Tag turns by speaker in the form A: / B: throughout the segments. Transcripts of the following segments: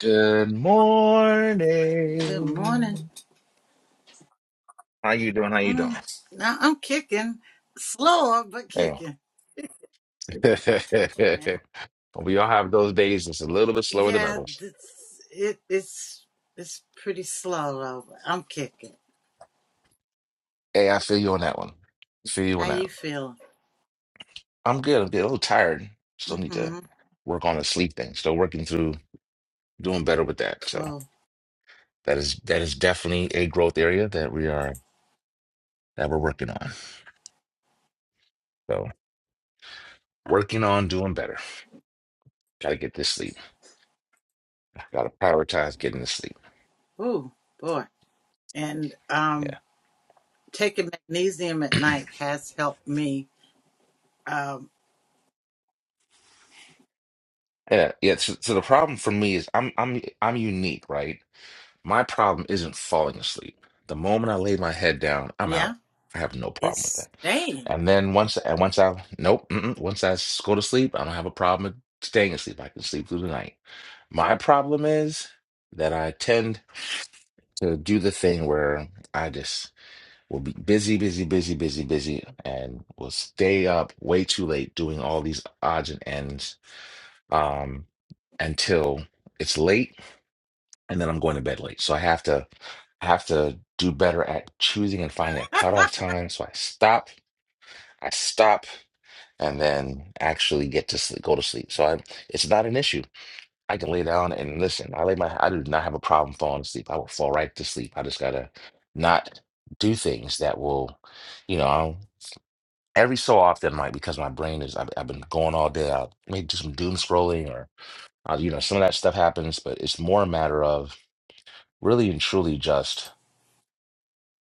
A: Good
B: Good morning.
A: morning. How you doing? How you doing?
B: Mm, now I'm kicking, slower but
A: Hey.
B: kicking. And
A: we all have those days that's a little bit slower than
B: yeah,
A: others.
B: this, it, it's it's pretty slow though. but I'm kicking.
A: Hey, I feel you on that one. Feel you
B: How
A: on that.
B: you feeling?
A: I'm good. I'm good. A little tired. Still need to
B: Mm-hmm.
A: work on the sleep thing. Still working through doing better with that. So
B: Cool.
A: that is that is definitely a growth area that we are that we're working on. So working on doing better. Gotta get this sleep. Gotta prioritize getting the sleep.
B: Ooh, boy. And
A: Yeah.
B: um, taking magnesium at night has helped me. Um,
A: Yeah, yeah. So, so the problem for me is I'm I'm I'm unique, right? My problem isn't falling asleep. The moment I lay my head down, I'm
B: yeah,
A: out. I have no problem with
B: it's
A: that.
B: staying.
A: And then once and once I nope, mm-mm, once I s- go to sleep, I don't have a problem with staying asleep. I can sleep through the night. My problem is that I tend to do the thing where I just will be busy, busy, busy, busy, busy, and will stay up way too late doing all these odds and ends um, until it's late, and then I'm going to bed late. So I have to I have to do better at choosing and finding a cutoff time. So I stop, I stop, and then actually get to sleep, go to sleep. So I, it's not an issue. I can lay down and listen. I lay my, I do not have a problem falling asleep. I will fall right to sleep. I just gotta not do things that will, you know, I'll, every so often, like because my brain is, I've, I've been going all day. I'll maybe do some doom scrolling Uh, you know, some of that stuff happens, but it's more a matter of really and truly just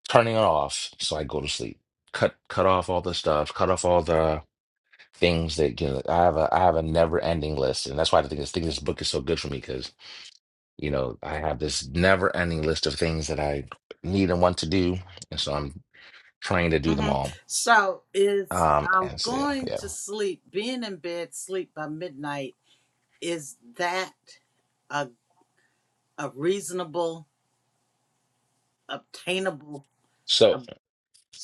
A: turning it off so I go to sleep. Cut cut off all the stuff, cut off all the things that you know, I have a I have a never ending list. And that's why I think this think this book is so good for me because, you know, I have this never ending list of things that I need and want to do. And so I'm trying to do them
B: Mm-hmm.
A: all.
B: So is
A: Um
B: um
A: and so yeah.
B: going
A: yeah.
B: to sleep, being in bed, sleep by midnight. Is that? a a reasonable, obtainable.
A: So
B: ob-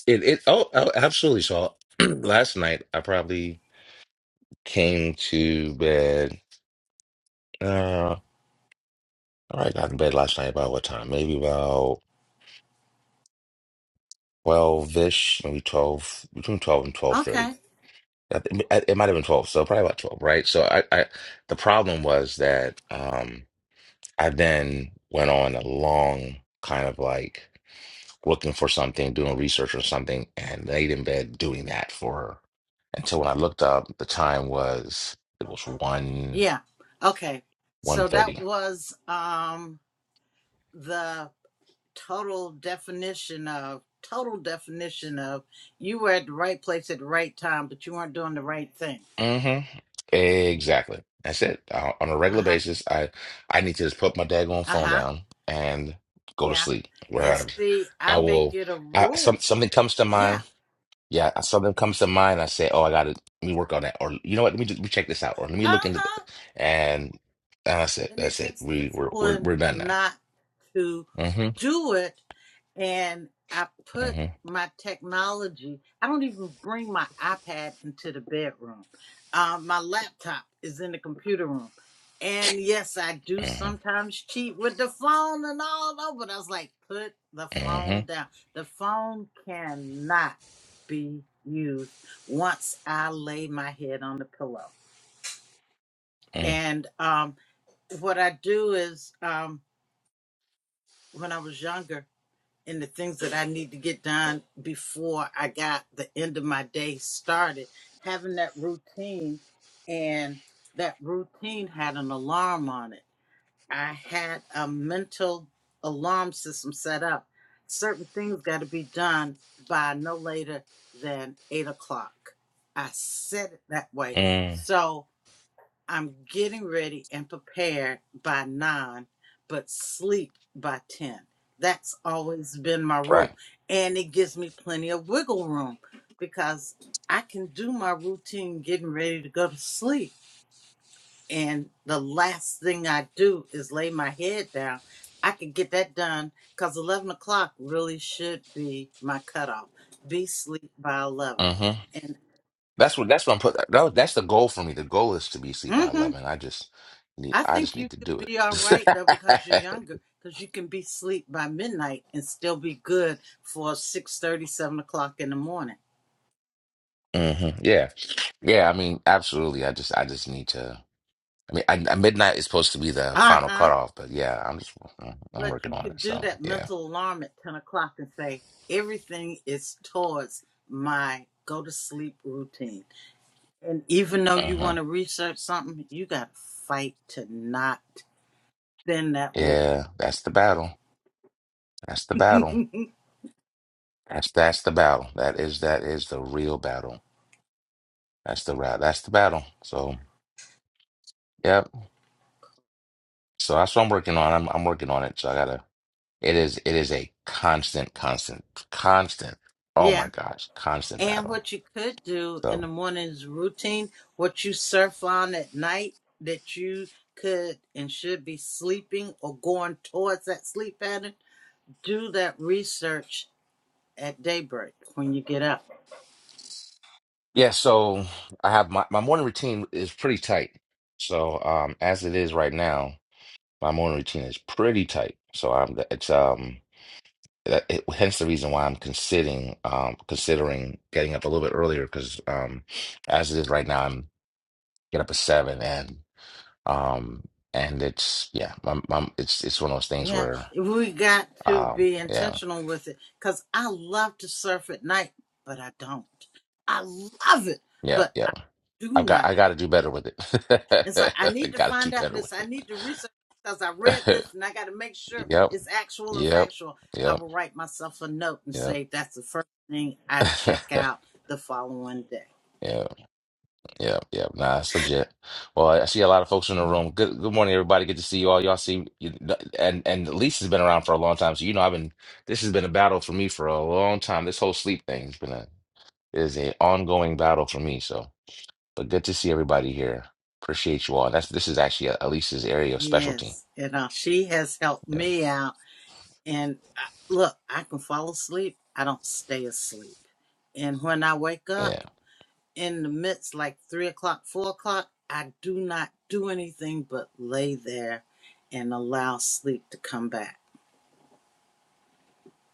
A: it it oh, oh absolutely. So last night I probably came to bed. uh, All right, got in bed last night about what time? Maybe about 12-ish, maybe 12, between 12 and 12:30.
B: okay,
A: I think- It it might have been 12, so probably about 12, right? So I, I the problem was that um I then went on a long kind of like looking for something, doing research or something, and laid in bed doing that for her. And so when I looked up, the time was it was 1
B: yeah, okay.
A: one
B: So
A: thirty.
B: that was um, the total definition of total definition of you were at the right place at the right time, but you weren't doing the right thing.
A: hmm Exactly. That's it. I, on a
B: Uh
A: regular
B: huh.
A: basis, I I need to just put my daggone
B: Uh
A: phone
B: huh.
A: down and go to
B: Yeah.
A: sleep. Where
B: And
A: I,
B: see, I
A: I
B: make
A: will,
B: it a
A: I, some
B: rule.
A: something comes to mind.
B: Yeah.
A: Yeah, something comes to mind. I say, oh, I got to let me work on that, or you know what? Let me just, let me check this out, or let me
B: Uh
A: look into
B: huh.
A: th-" and that's it.
B: And it
A: That's it.
B: takes
A: We we're we're,
B: discipline
A: we're done now.
B: not to
A: Mm-hmm.
B: do it and I put
A: Mm-hmm.
B: my technology. I don't even bring my iPad into the bedroom. Uh, my laptop is in the computer room, and yes, I do
A: Mm-hmm.
B: sometimes cheat with the phone and all that. But I was like, put the phone
A: Mm-hmm.
B: down. The phone cannot be used once I lay my head on the pillow.
A: Mm-hmm.
B: And um, what I do is, um, when I was younger. and the things that I need to get done before I got the end of my day started, having that routine and that routine had an alarm on it. I had a mental alarm system set up. Certain things got to be done by no later than eight o'clock. I said it that way.
A: Mm-hmm.
B: So I'm getting ready and prepared by nine, but sleep by 10. That's always been my
A: Right.
B: rule. And it gives me plenty of wiggle room because I can do my routine getting ready to go to sleep. And the last thing I do is lay my head down. I can get that done because 11 o'clock really should be my cutoff. Be sleep by 11.
A: Mm-hmm.
B: And
A: That's what that's what I'm put. That, was- that's the goal for me. The goal is to be asleep by
B: mm mhm,
A: eleven. I just need
B: I
A: I just
B: think you
A: need to do
B: could be all right though because you're
A: it.
B: younger, because you can be asleep by midnight and still be good for six thirty, seven o'clock in the morning.
A: hmm Yeah, yeah. I mean, absolutely. I just I just need to. I mean, I, I- midnight is supposed to be the
B: Uh
A: final
B: huh.
A: cutoff, but yeah, I'm just mhm, I'm
B: But
A: working
B: you
A: on
B: could
A: it.
B: do
A: So
B: that
A: yeah,
B: mental alarm at 10 o'clock and say, everything is towards my go to sleep routine. And even though you want
A: hmm
B: to research something, you got to fight to not bend that rule.
A: yeah. That's the battle. That's the battle. That's that's the battle. That is that is the real battle. That's the route. That's the battle. So yep. So that's what I'm working on. I'm I'm working on it. So I gotta. It is it is a constant, constant, constant. Oh
B: yeah.
A: my gosh, constant
B: And
A: battle.
B: what you could do in
A: So
B: the morning is routine, what you surf on at night that you could and should be sleeping or going towards that sleep pattern, do that research at daybreak when you get up.
A: yeah, so I have my, my morning routine is pretty tight. So um as it is right now, my morning routine is pretty tight. So I'm it's um that- it, hence the reason why I'm considering um considering getting up a little bit earlier because um as it is right now I'm get up at seven and um and it's yeah my, my it's it's one of those things
B: Yeah,
A: where
B: we got to
A: um
B: be
A: yeah
B: intentional with it because I love to surf at night, but I don't. I love it,
A: yeah
B: but
A: yeah
B: I do
A: I got
B: not.
A: I got to do better with it.
B: It's like I
A: I
B: need to
A: got to do
B: find out
A: better with
B: this. I
A: it.
B: need to research because I read this and I got to make sure
A: Yep.
B: it's actual and
A: Yep.
B: factual. I
A: Yep.
B: will write myself a note and
A: Yep.
B: say that's the first thing I check out the following day.
A: Yeah. Yeah. Yeah. Nah, it's legit. Well, I see a lot of folks in the
B: Mhm.
A: room. Good good morning, everybody. Good to see you all. Y'all see you- and and Lisa's been around for a long time. So you know I've been this has been a battle for me for a long time. This whole sleep thing has been a is a ongoing battle for me. So but good to see everybody here. Appreciate you all. That's this is actually uh Lisa's area of specialty.
B: Yes, and uh, she has helped
A: Yeah.
B: me out. And I, look, I can fall asleep. I don't stay asleep. And when I wake up
A: yeah.
B: in the midst, like three o'clock, four o'clock, I do not do anything but lay there and allow sleep to come back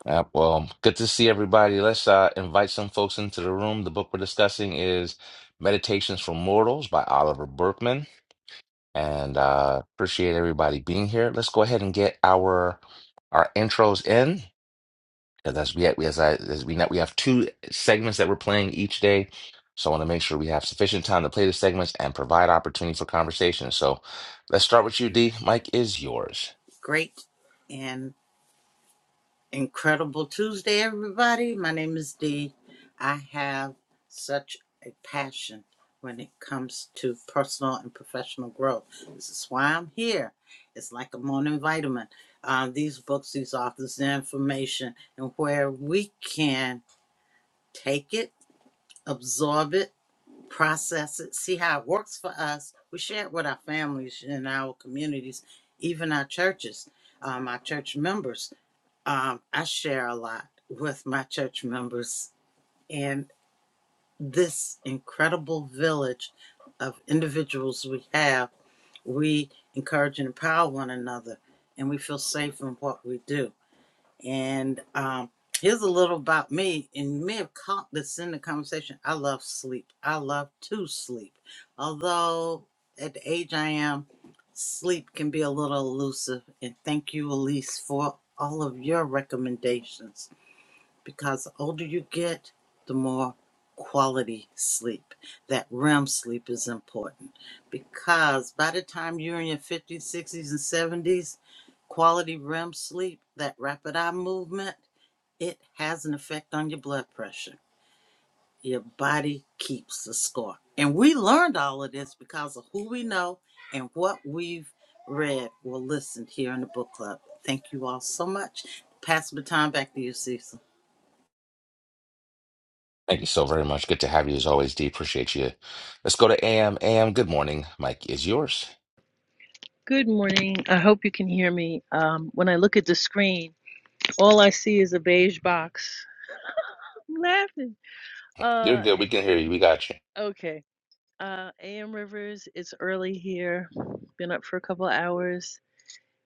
A: Yeah, well, good to see everybody. Let's uh, invite some folks into the room. The book we're discussing is Meditations for Mortals by Oliver Berkman, and uh, appreciate everybody being here. Let's go ahead and get our our intros in. And As we as I as we know, we have two segments that we're playing each day, so I want to make sure we have sufficient time to play the segments and provide opportunity for conversation. So, let's start with you, D. Mike is yours.
B: great and incredible Tuesday, everybody. My name is Dee. I have such a passion when it comes to personal and professional growth. This is why I'm here. It's like a morning vitamin. Um, these books, these authors, the information, and where we can take it, absorb it, process it, see how it works for us. We share it with our families and our communities, even our churches, um, our church members um, I share a lot with my church members and this incredible village of individuals we have. We encourage and empower one another, and we feel safe in what we do. And um, here's a little about me, and you may have caught this in the conversation. I love sleep. I love to sleep. Although at the age I am, sleep can be a little elusive. And thank you, Elise, for all of your recommendations because the older you get, the more quality sleep. That REM sleep is important because by the time you're in your 50s, 60s, and 70s, quality REM sleep, that rapid eye movement, it has an effect on your blood pressure. Your body keeps the score. And we learned all of this because of who we know and what we've read or listened here in the book club. Thank you all so much. Pass the time back to you, Cecil.
A: Thank you so very much. Good to have you as always, D. Appreciate you. Let's go to AM. AM, good morning. Mike is yours.
C: Good morning. I hope you can hear me. Um, when I look at the screen, all I see is a beige box. I'm laughing.
A: You're
C: Uh,
A: good. We
C: eh,
A: can hear you. We got you.
C: okay. Uh, AM Rivers, it's early here. Been up for a couple hours,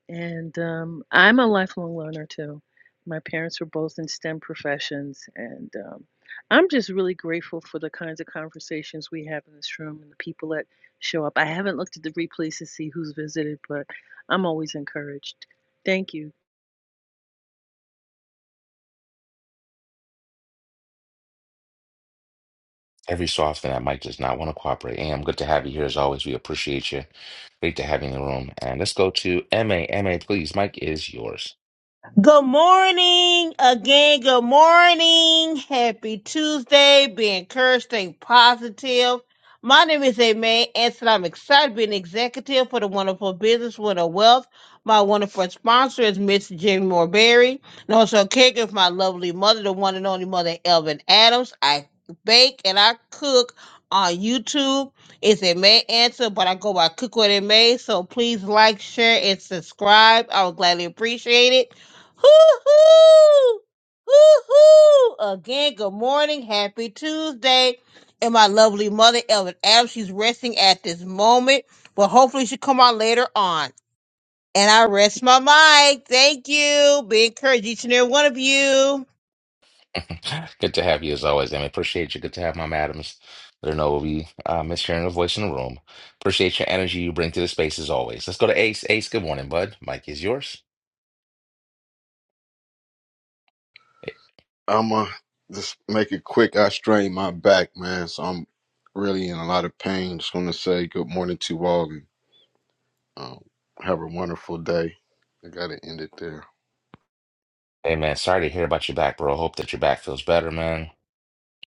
C: and um, I'm a lifelong learner too. My parents were both in STEM professions, and um, I'm just really grateful for the kinds of conversations we have in this room and the people that show up. I haven't looked at the replays to see who's visited, but I'm always encouraged. Thank you.
A: Every so often, that Mike does not want to cooperate. AM, good to have you here as always. We appreciate you. Great to have you in the room. And let's go to M A M A. please. Mike is yours.
D: Good morning again. Good morning. Happy Tuesday. Be encouraged, stay positive. My name is Aimee Anson. I'm excited to be an executive for the wonderful business with a wealth. My wonderful sponsor is Miss Jamie Morberry, and also a caregiver of my lovely mother, the one and only mother Elvin Adams. I bake and I cook on YouTube. It's a May but I go by Cook with It So please like, share, and subscribe. I would gladly appreciate it. Hoo-hoo! Hoo-hoo! Again, good morning. Happy Tuesday. And my lovely mother, Ellen Adams, she's resting at this moment, but hopefully she'll come on later on. And I rest my mic. Thank you. Be encouraged, each and every one of you.
A: good to have you as always, MA. Appreciate you. Good to have my madams. Let her know we uh, miss hearing her voice in the room. Appreciate your energy you bring to the space as always. Let's go to Ace. Ace, good morning, bud. Mike is yours. It-
E: I'ma just make it quick. I strained my back, man, so I'm really in a lot of pain. Just want to say good morning to all and um, have a wonderful day. I gotta end it there.
A: Hey man, sorry to hear about your back, bro. Hope that your back feels better, man.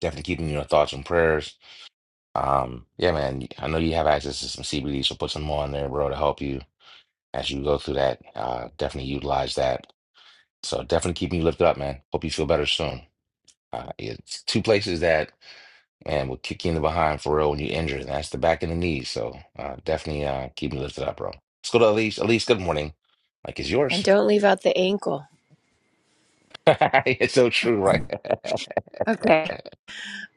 A: Definitely keeping your thoughts and prayers. Um, yeah, man, I know you have access to some CBD, so put some more in there, bro, to help you as you go through that. Uh, definitely utilize that. So definitely keeping you lifted up, man. Hope you feel better soon. Uh, it's two places that man will kick you in the behind for real when you injured, and that's the back and the knees. So uh, definitely uh, keep me lifted up, bro. Let's go to Elise. Elise, good morning. Like it's
F: And
A: yours.
F: don't leave out the ankle.
A: It's so true, right?
F: Okay.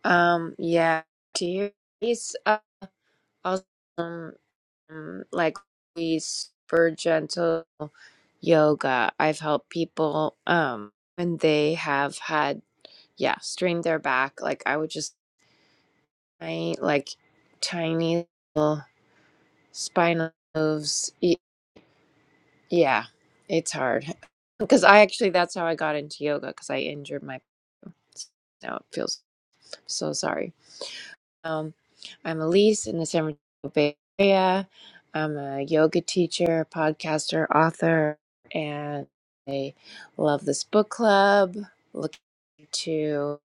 F: Um, yeah. Do you he's uh, also um, um, like we super gentle yoga. I've helped people um when they have had yeah, strained their back. Like I would just I like tiny little spinal moves. Y- Yeah, it's hard. Because I actually that's how I got into yoga because I injured my now it feels so sorry Um, I'm Elise in the San Francisco Bay Area. I'm a yoga teacher, podcaster, author, and I love this book club. Looking to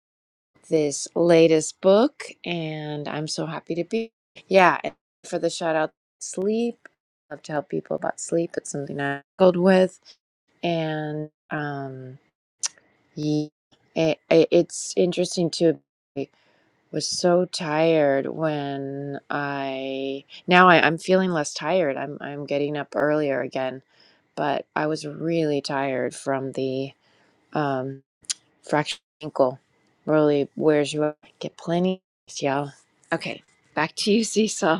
F: this latest book, and I'm so happy to be. Yeah, and for the shout out, sleep. I love to help people about sleep. It's something I struggled with, and um, yeah, it, it- it's interesting to was so tired when I now I, I'm feeling less tired. I'm I'm getting up earlier again, but I was really tired from the um fractured ankle. Really wears you up. Get plenty, of rest, y'all. Okay, back to you, Cecil.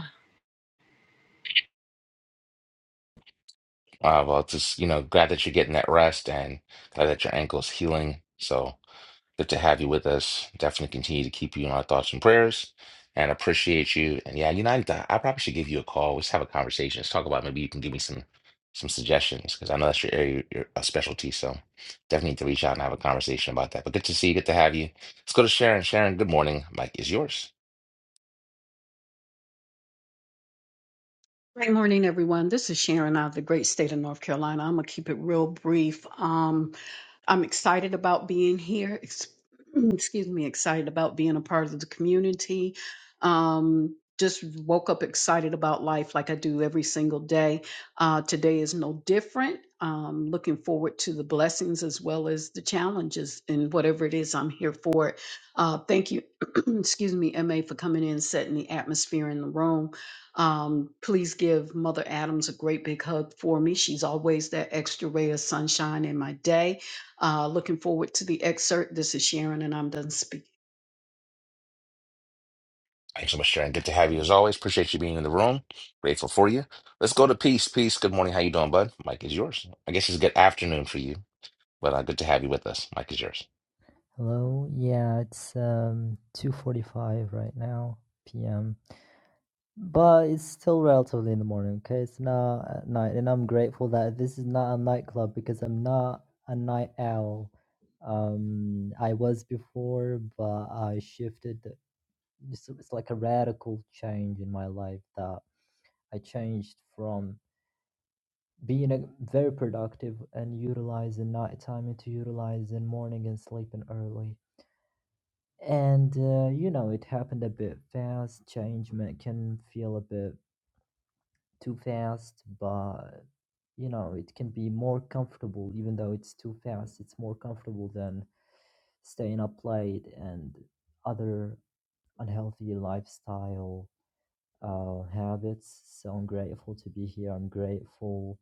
A: Uh, well, just you know, glad that you're getting that rest and glad that your ankle's healing. So. Good to have you with us. Definitely continue to keep you in our thoughts and prayers and appreciate you. And yeah, United, I I probably should give you a call. Let's have a conversation. Let's talk about maybe you can give me some some suggestions because I know that's your area, your a specialty. So definitely need to reach out and have a conversation about that. But good to see you. Good to have you. Let's go to Sharon. Sharon, good morning. Mike is yours.
G: Great morning, everyone. This is Sharon out of the great state of North Carolina. I'm gonna keep it real brief. Um, I'm excited about being here. ex- Excuse me, excited about being a part of the community. Um, just woke up excited about life like I do every single day. Uh, today is no different. Um, looking forward to the blessings as well as the challenges and whatever it is I'm here for. it. Uh, thank you, excuse me, MA, for coming in, setting the atmosphere in the room. Um, please give Mother Adams a great big hug for me. She's always that extra ray of sunshine in my day. Uh, looking forward to the excerpt. This is Sharon, and I'm done speaking.
A: Thanks so much, Sharon. Good to have you as always. Appreciate you being in the room. Grateful for you. Let's go to Peace. Peace. Good morning. How you doing, bud? Mike is yours. I guess it's good afternoon for you, but uh, good to have you with us. Mike is yours.
H: Hello. Yeah, it's um 2:45 right now p.m. But it's still relatively in the morning, okay? It's not at night, and I'm grateful that this is not a nightclub because I'm not a night owl. Um, I was before, but I shifted. the- It's, it's like a radical change in my life that I changed from being a, very productive and utilizing nighttime into utilizing morning and sleeping early. And uh, you know, it happened a bit fast. Change ma- can feel a bit too fast, but you know, it can be more comfortable, even though it's too fast. It's more comfortable than staying up late and other unhealthy lifestyle uh, habits. So I'm grateful to be here. I'm grateful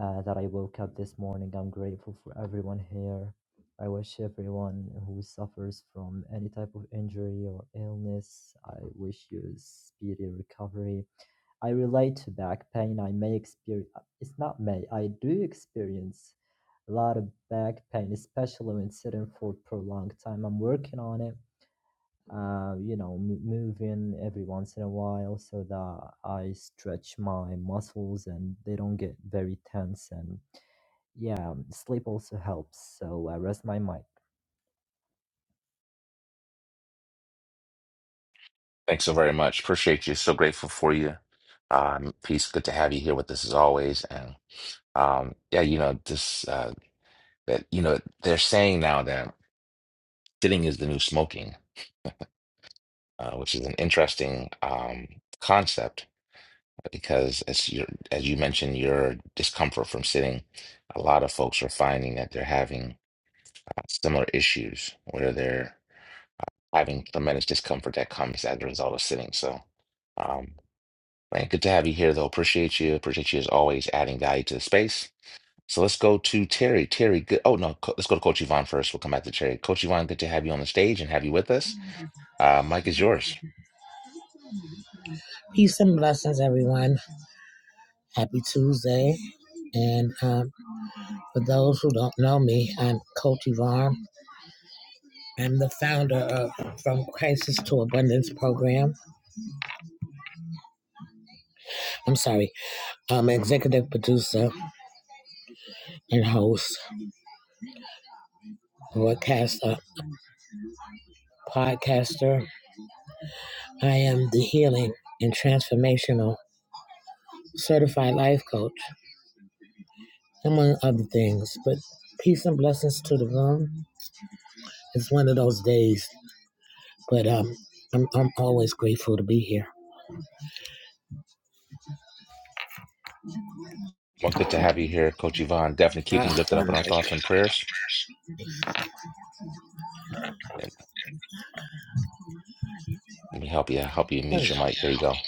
H: uh, that I woke up this morning. I'm grateful for everyone here. I wish everyone who suffers from any type of injury or illness, I wish you a speedy recovery. I relate to back pain. I may experience, it's not may, I do experience a lot of back pain, especially when sitting for prolonged time. I'm working on it, uh, you know, m- moving every once in a while so that I stretch my muscles and they don't get very tense and yeah, sleep also helps, so I rest my mic.
A: Thanks so very much. Appreciate you. So grateful for you. Um, peace. Good to have you here with us as always. And um, yeah, you know, this uh, that you know they're saying now that sitting is the new smoking, uh, which is an interesting um, concept because as you as you mentioned, your discomfort from sitting, a lot of folks are finding that they're having uh, similar issues where they're having tremendous discomfort that comes as a result of sitting. So. Um, Right. Good to have you here, though. Appreciate you. Appreciate you as always adding value to the space. So let's go to Terry. Terry, good. Oh, no. Co- Let's go to Coach Yvonne first. We'll come back to Terry. Coach Yvonne, good to have you on the stage and have you with us. Uh, Mike is yours.
I: Peace and blessings, everyone. Happy Tuesday. And um, for those who don't know me, I'm Coach Yvonne. I'm the founder of From Crisis to Abundance program. I'm sorry, I'm executive producer and host, broadcaster, podcaster. I am the healing and transformational certified life coach, among other things. But peace and blessings to the room. It's one of those days, but um, I'm, I'm always grateful to be here.
A: Well, good to have you here, Coach Yvonne. Definitely keeping you
I: Ah,
A: lifted up
I: I'm
A: in our
I: like,
A: thoughts and prayers. And Let me help you. Help you
I: hmm.
A: mute your mic. There you go.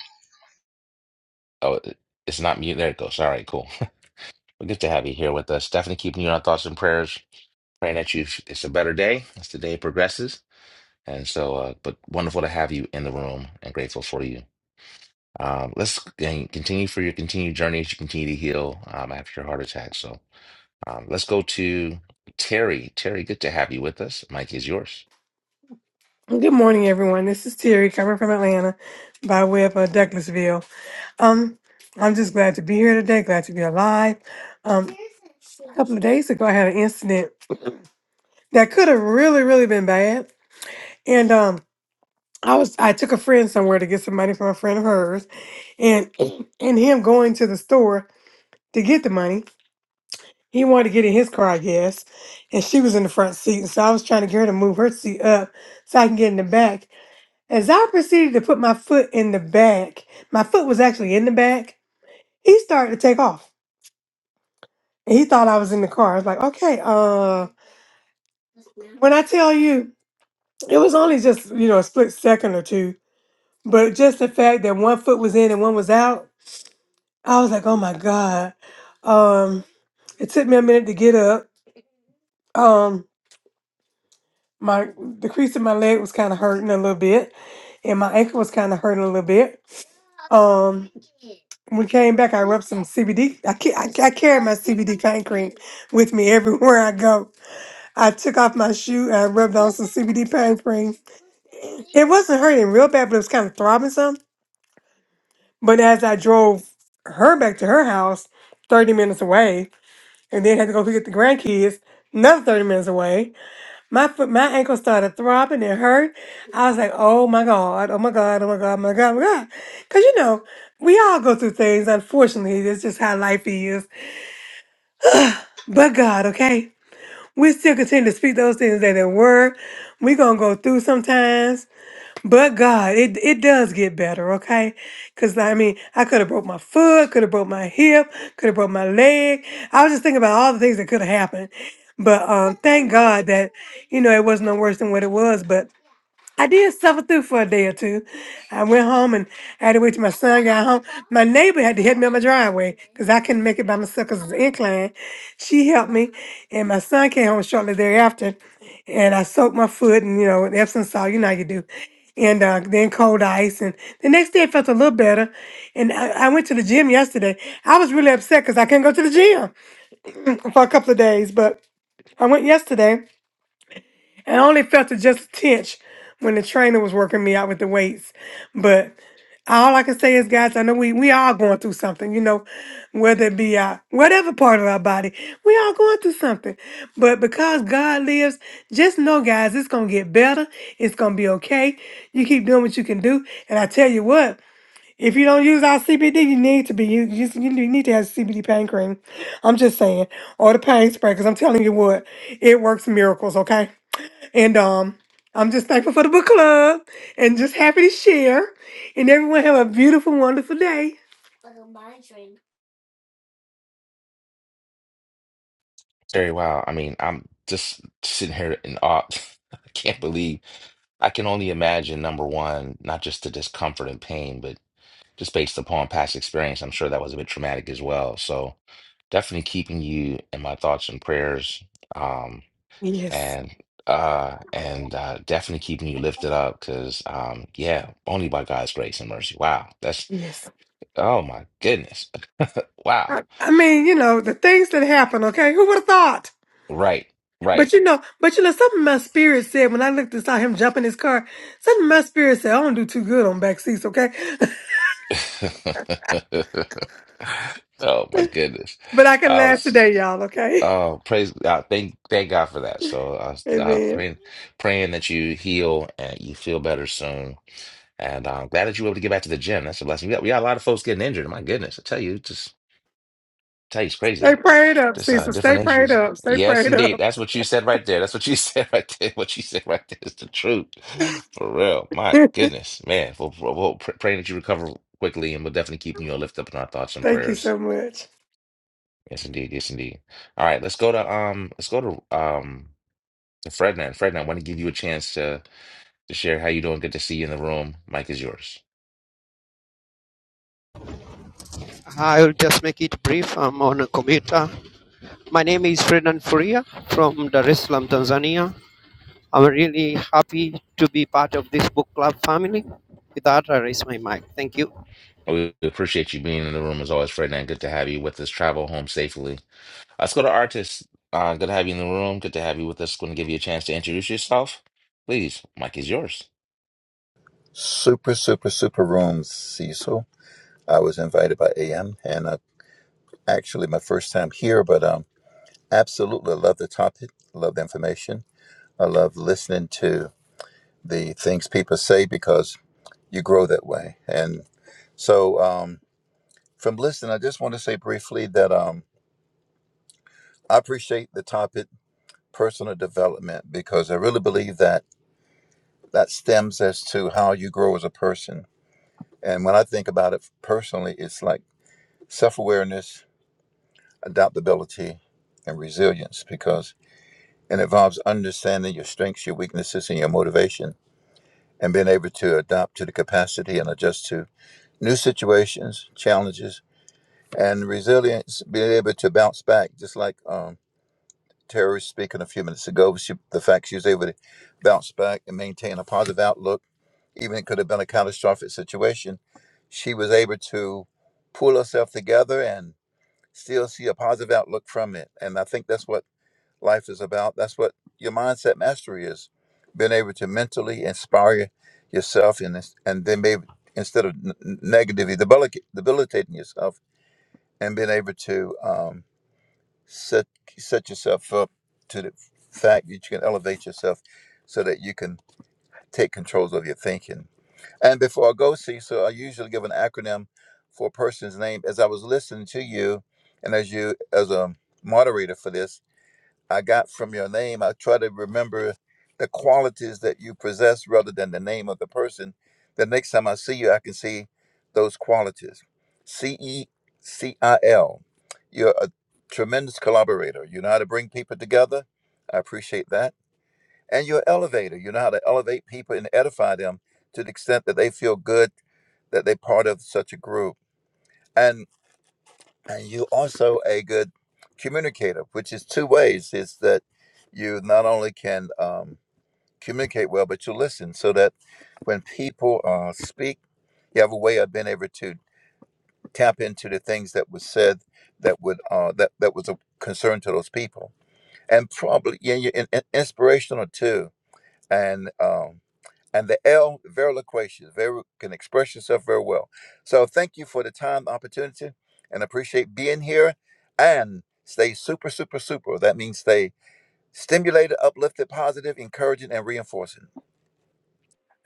A: Oh, it- it's not mute. There it goes. All right, cool. Well, good to have you here with us. Definitely keeping you in our thoughts and prayers. Praying that you it's a better day as the day progresses. And so, uh, but wonderful to have you in the room and grateful for you. Um, let's and continue for your continued journey as you continue to heal um, after your heart attack. So um, let's go to Terry. Terry, good to have you with us. Mike is yours.
J: Good morning, everyone. This is Terry coming from Atlanta by way of uh, Douglasville. Um, I'm just glad to be here today, glad to be alive. Um, a couple of days ago, I had an incident that could have really, really been bad. And um, I was I took a friend somewhere to get some money from a friend of hers, and and him going to the store to get the money. He wanted to get in his car, I guess, and she was in the front seat. And so I was trying to get her to move her seat up so I can get in the back. As I proceeded to put my foot in the back, my foot was actually in the back. He started to take off. And he thought I was in the car. I was like, okay, uh, when I tell you, it was only just, you know, a split second or two. But just the fact that one foot was in and one was out, I was like, oh my God. Um, it took me a minute to get up. Um, my the crease in my leg was kind of hurting a little bit, and my ankle was kind of hurting a little bit. Um, When we came back, I rubbed some CBD. I, ca- I, I carry my CBD pain cream with me everywhere I go. I took off my shoe and I rubbed on some CBD pain cream. It wasn't hurting real bad, but it was kind of throbbing some. But as I drove her back to her house, 30 minutes away, and then had to go pick up the grandkids, another 30 minutes away, my foot, my ankle started throbbing It hurt. I was like, oh my God, oh my God, oh my God, oh my God, oh my God. Because, you know, we all go through things. Unfortunately, that's just how life is But God, okay? We still continue to speak those things that they were. we going to go through sometimes. But God, it, it does get better, okay? Because, I mean, I could have broke my foot, could have broke my hip, could have broke my leg. I was just thinking about all the things that could have happened. But um, thank God that, you know, it was not no worse than what it was. But I did suffer through for a day or two. I went home and had to wait till my son got home. My neighbor had to help me on my driveway because I couldn't make it by myself because it's an incline. She helped me, and my son came home shortly thereafter. And I soaked my foot and, you know, with Epsom salt, you know how you do. And uh, then cold ice. And the next day I felt a little better. And I, I went to the gym yesterday. I was really upset because I couldn't go to the gym for a couple of days, but I went yesterday. I only felt it just a tinch when the trainer was working me out with the weights. But all I can say is, guys, I know we we all going through something, you know, whether it be our whatever part of our body, we all going through something. But because God lives, just know, guys, it's gonna get better. It's gonna be okay. You keep doing what you can do, and I tell you what. If you don't use our CBD, you need to be. You, you, you need to have CBD pain cream. I'm just saying. Or the pain spray, because I'm telling you what, it works miracles, okay? And um, I'm just thankful for the book club and just happy to share. And everyone have a beautiful, wonderful day.
A: Terry, wow. I mean, I'm just sitting here in awe. I can't believe I can only imagine number one, not just the discomfort and pain, but just based upon past experience, I'm sure that was a bit traumatic as well. So definitely keeping you in my thoughts and prayers. Um,
J: Yes.
A: and uh and uh definitely keeping you lifted up because um yeah only by God's grace and mercy wow that's
J: Yes.
A: oh my goodness wow
J: I, I mean, you know, the things that happen, okay? Who would have thought?
A: right
J: But
A: right
J: you know, but you know, something my spirit said when I looked and saw him jump in his car, something my spirit said, I don't do too good on back seats, okay?
A: oh my goodness
J: but I can
A: I
J: laugh
A: was
J: today, y'all, okay?
A: oh praise God thank thank God for that so I was uh,
J: Amen.
A: praying praying that you heal and you feel better soon and I'm glad that you were able to get back to the gym that's a blessing we got, we got a lot of folks getting injured my goodness I tell you just Tate's crazy
J: Stay
A: with
J: prayed up,
A: just uh
J: Cecil. Stay
A: different
J: prayed
A: injuries.
J: up. Stay
A: Yes,
J: prayed
A: indeed.
J: up.
A: That's what you said right there. That's what you said right there. What you said right there is the truth. For real. My goodness, man. We'll, we pr- praying that you recover quickly and we are definitely keeping you a lift up in our thoughts and
J: Thank you
A: prayers.
J: so much.
A: Yes, indeed. Yes, indeed. All right, let's go to um let's go to um to Frednan. Frednan, I want to give you a chance to to share how you doing. Good to see you in the room. Mike is yours.
K: I'll just make it brief. I'm on a commuter. My name is Fredan Furia from Dar es Salaam, Tanzania. I'm really happy to be part of this book club family. With that, I raise my mic. Thank you.
A: We we appreciate you being in the room as always, Frednan. Good to have you with us. Travel home safely Let's go to artists. Uh, good to have you in the room. Good to have you with us. Going to give you a chance to introduce yourself. Please, mic is yours.
L: Super, super, super room, Cecil. I was invited by AM, and uh, actually my first time here, but um, absolutely love the topic, love the information. I love listening to the things people say because you grow that way. And so, um, from listening, I just want to say briefly that um, I appreciate the topic, personal development, because I really believe that that stems as to how you grow as a person. And when I think about it personally, it's like self awareness adaptability, and resilience because it involves understanding your strengths, your weaknesses, and your motivation, and being able to adapt to the capacity and adjust to new situations, challenges, and resilience, being able to bounce back, just like um, Terry was speaking a few minutes ago, she, the fact she was able to bounce back and maintain a positive outlook, even it could have been a catastrophic situation, she was able to pull herself together and still see a positive outlook from it. And I think that's what life is about. That's what your mindset mastery is. Being able to mentally inspire yourself and and then maybe instead of n- n- negatively debilica- debilitating yourself and being able to um, set set yourself up to the fact that you can elevate yourself so that you can take controls of your thinking. And before I go, see, so I usually give an acronym for a person's name. As I was listening to you, and as you as a moderator for this, I got from your name. I try to remember the qualities that you possess rather than the name of the person. The next time I see you, I can see those qualities. C E C I L. You're a tremendous collaborator. You know how to bring people together. I appreciate that. And you're an elevator. You know how to elevate people and edify them to the extent that they feel good that they're part of such a group. And and you also a good communicator, which is two ways. is that you not only can um, communicate well, but you listen, so that when people uh, speak, you have a way of being able to tap into the things that was said that would uh, that that was a concern to those people, and probably yeah, you and, and inspirational too. And um, and the L very loquacious, very can express yourself very well. So thank you for the time, the opportunity, and appreciate being here. And stay super, super, super. That means stay stimulated, uplifted, positive, encouraging, and reinforcing.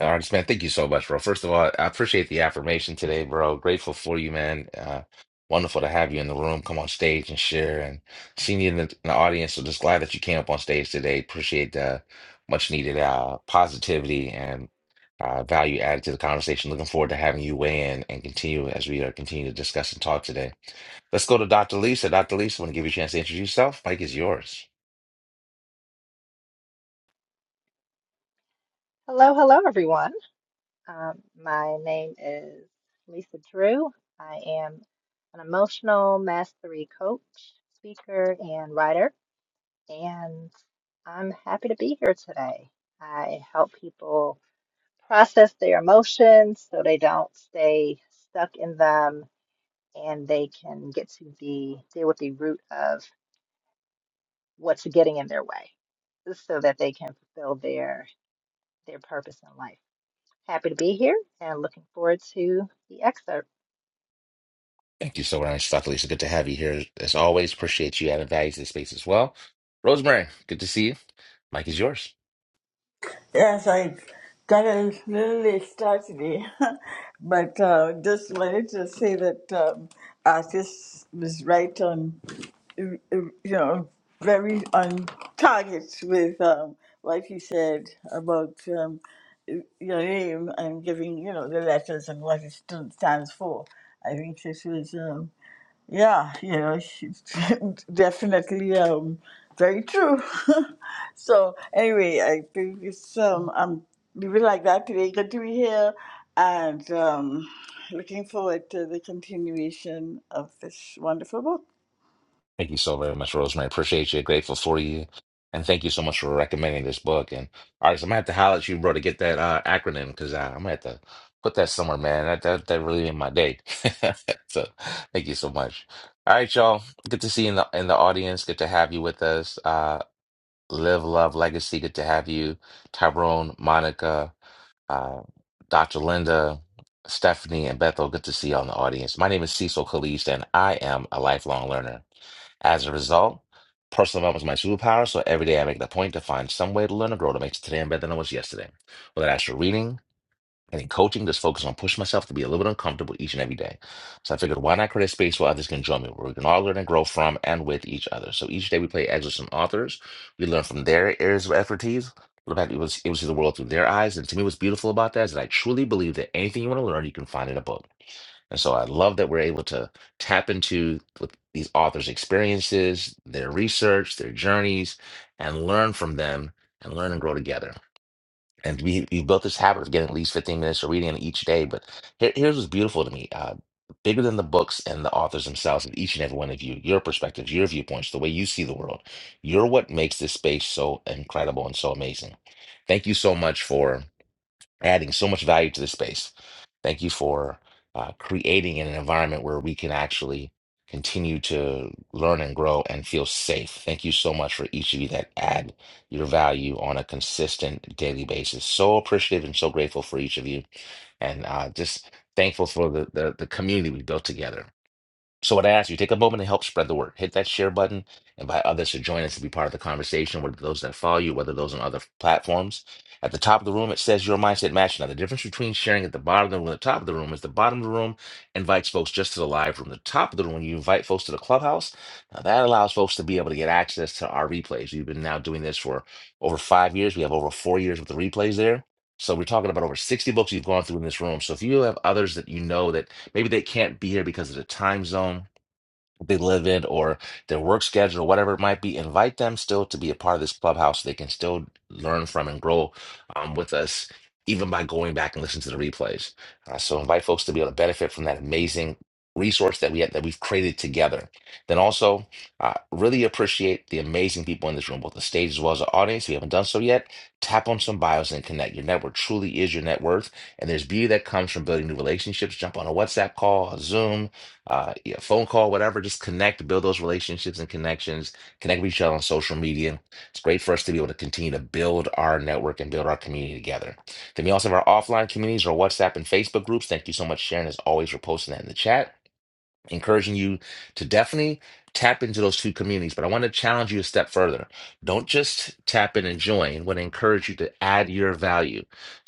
A: Uh, Artist man, thank you so much, bro. First of all, I appreciate the affirmation today, bro. Grateful for you, man. Uh, wonderful to have you in the room. Come on stage and share, and seeing you in the, in the audience. So just glad that you came up on stage today. Appreciate the much needed uh, positivity and uh, value added to the conversation. Looking forward to having you weigh in and continue as we uh, continue to discuss and talk today. Let's go to Dr. Lisa. Dr. Lisa, want to give you a chance to introduce yourself. Mike is yours.
M: Hello, hello, everyone. Um, my name is Lisa Drew. I am an emotional mastery coach, speaker, and writer, and I'm happy to be here today. I help people process their emotions so they don't stay stuck in them and they can get to the deal with the root of what's getting in their way so that they can fulfill their their purpose in life. Happy to be here and looking forward to the excerpt.
A: Thank you so much, Dr. Lisa. Good to have you here. As always, appreciate you adding value to the space as well. Rosemary, good to see you. Mike is yours.
N: Yes, I got a little started, but uh, just wanted to say that um, artist was right on, uh, you know, very on target with um, what he said about um, your name and giving, you know, the letters and what it stood- stands for. I think this was. Um, yeah, you know, definitely um, very true. so anyway, I think it's um, I'm leaving like that today. Good to be here, and um, looking forward to the continuation of this wonderful book.
A: Thank you so very much, Rosemary. Appreciate you. Grateful for you. And thank you so much for recommending this book. And all right, so I'm gonna have to holler at you, bro, to get that uh, acronym because uh, I'm gonna have to put that somewhere, man. That that, that really made my day. so thank you so much. All right, y'all. Good to see you in the in the audience. Good to have you with us. Uh, Live Love Legacy. Good to have you, Tyrone, Monica, uh, Dr. Linda, Stephanie, and Bethel. Good to see you all in the audience. My name is Cecil Kalist, and I am a lifelong learner. As a result, personal development is my superpower, so every day I make it a point to find some way to learn and grow to make today better than it was yesterday. Whether that's through reading, and in coaching, just focus on pushing myself to be a little bit uncomfortable each and every day. So I figured, why not create a space where others can join me, where we can all learn and grow from and with each other. So each day we play excerpts from authors. We learn from their areas of expertise. Look back, we was able to see the world through their eyes. And to me, what's beautiful about that is that I truly believe that anything you want to learn, you can find in a book. And so I love that we're able to tap into what these authors' experiences, their research, their journeys, and learn from them and learn and grow together and we we built this habit of getting at least 15 minutes of reading each day but here, here's what's beautiful to me uh bigger than the books and the authors themselves is each and every one of you your perspectives your viewpoints the way you see the world you're what makes this space so incredible and so amazing thank you so much for adding so much value to the space. Thank you for uh, creating an environment where we can actually continue to learn and grow and feel safe. Thank you so much for each of you that add your value on a consistent daily basis. So appreciative and so grateful for each of you, and uh, just thankful for the, the the community we built together. So, what I ask you, take a moment to help spread the word. Hit that share button, invite others to join us to be part of the conversation, whether those that follow you, whether those on other platforms. At the top of the room, it says your mindset match. Now, the difference between sharing at the bottom of the room and the top of the room is the bottom of the room invites folks just to the live room. The top of the room, you invite folks to the clubhouse. Now, that allows folks to be able to get access to our replays. We've been now doing this for over five years. We have over four years with the replays there. So, we're talking about over 60 books you've gone through in this room. So, if you have others that you know that Maybe they can't be here because of the time zone they live in or their work schedule or whatever it might be invite them still to be a part of this clubhouse they can still learn from and grow um, with us even by going back and listening to the replays Uh, so invite folks to be able to benefit from that amazing resource that we have, that we've created together then also uh, really appreciate the amazing people in this room both the stage as well as the audience if you haven't done so yet tap on some bios and connect your network truly is your net worth and there's beauty that comes from building new relationships jump on a whatsapp call a zoom uh, yeah, phone call, whatever. Just connect, build those relationships and connections, connect with each other on social media. It's great for us to be able to continue to build our network and build our community together. Then we also have our offline communities, our WhatsApp and Facebook groups. Thank you so much, Sharon, as always, for posting that in the chat encouraging you to definitely tap into those two communities. But I want to challenge you a step further. Don't just tap in and join. I want to encourage you to add your value.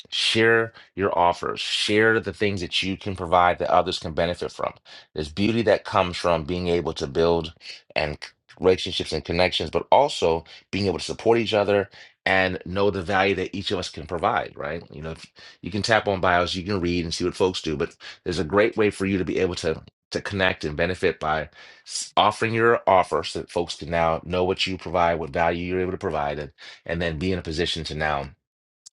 A: Share your offers. Share the things that you can provide that others can benefit from. There's beauty that comes from being able to build and c- relationships and connections, but also being able to support each other and know the value that each of us can provide, right? You know, if you can tap on bios, you can read and see what folks do, but there's a great way for you to be able to to connect and benefit by s- offering your offer so that folks can now know what you provide, what value you're able to provide, and, and then be in a position to now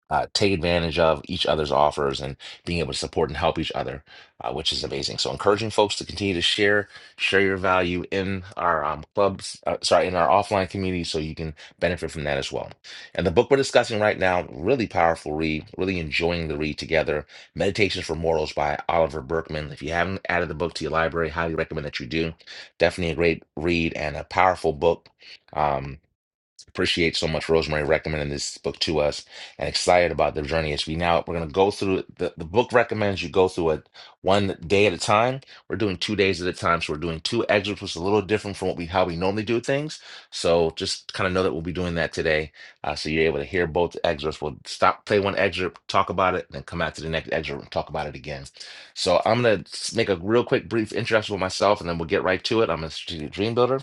A: uh, take advantage of each other's offers and being able to support and help each other, uh, which is amazing. So, encouraging folks to continue to share, share your value in our um, clubs, uh, sorry, in our offline community, so you can benefit from that as well. And the book we're discussing right now, really powerful read, really enjoying the read together. Meditations for Mortals by Oliver Berkman. If you haven't added the book to your library, highly recommend that you do. Definitely a great read and a powerful book. Um, Appreciate so much Rosemary recommending this book to us and excited about the journey as we now we're going to go through it. the, the book recommends you go through it one day at a time. We're doing two days at a time. So we're doing two excerpts, which is a little different from what we how we normally do things. So just kind of know that we'll be doing that today. Uh, so you're able to hear both excerpts. We'll stop, play one excerpt, talk about it, and then come out to the next excerpt and talk about it again. So I'm going to make a real quick brief introduction with myself and then we'll get right to it. I'm a strategic dream builder.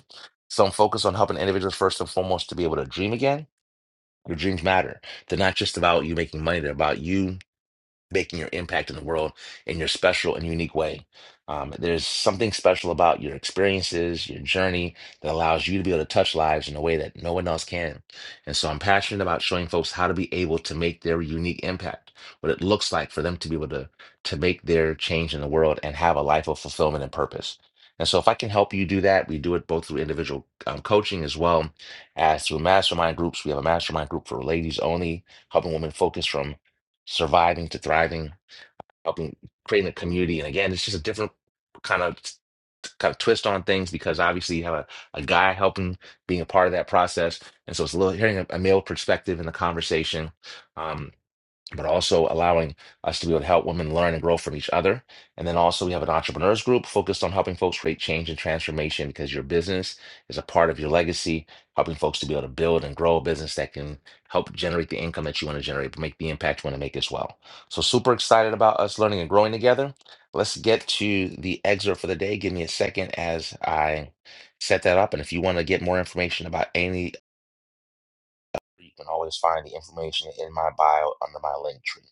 A: Some focus on helping individuals first and foremost to be able to dream again. Your dreams matter. They're not just about you making money, they're about you making your impact in the world in your special and unique way. Um, there's something special about your experiences, your journey that allows you to be able to touch lives in a way that no one else can. And so I'm passionate about showing folks how to be able to make their unique impact, what it looks like for them to be able to to make their change in the world and have a life of fulfillment and purpose. And so if I can help you do that, we do it both through individual um, coaching as well as through mastermind groups. We have a mastermind group for ladies only, helping women focus from surviving to thriving, helping creating a community. And again, it's just a different kind of kind of twist on things because obviously you have a, a guy helping being a part of that process. And so it's a little hearing a, a male perspective in the conversation. Um, but also allowing us to be able to help women learn and grow from each other. And then also, we have an entrepreneurs group focused on helping folks create change and transformation because your business is a part of your legacy, helping folks to be able to build and grow a business that can help generate the income that you want to generate, make the impact you want to make as well. So, super excited about us learning and growing together. Let's get to the excerpt for the day. Give me a second as I set that up. And if you want to get more information about any, you can always find the information in my bio under my link tree.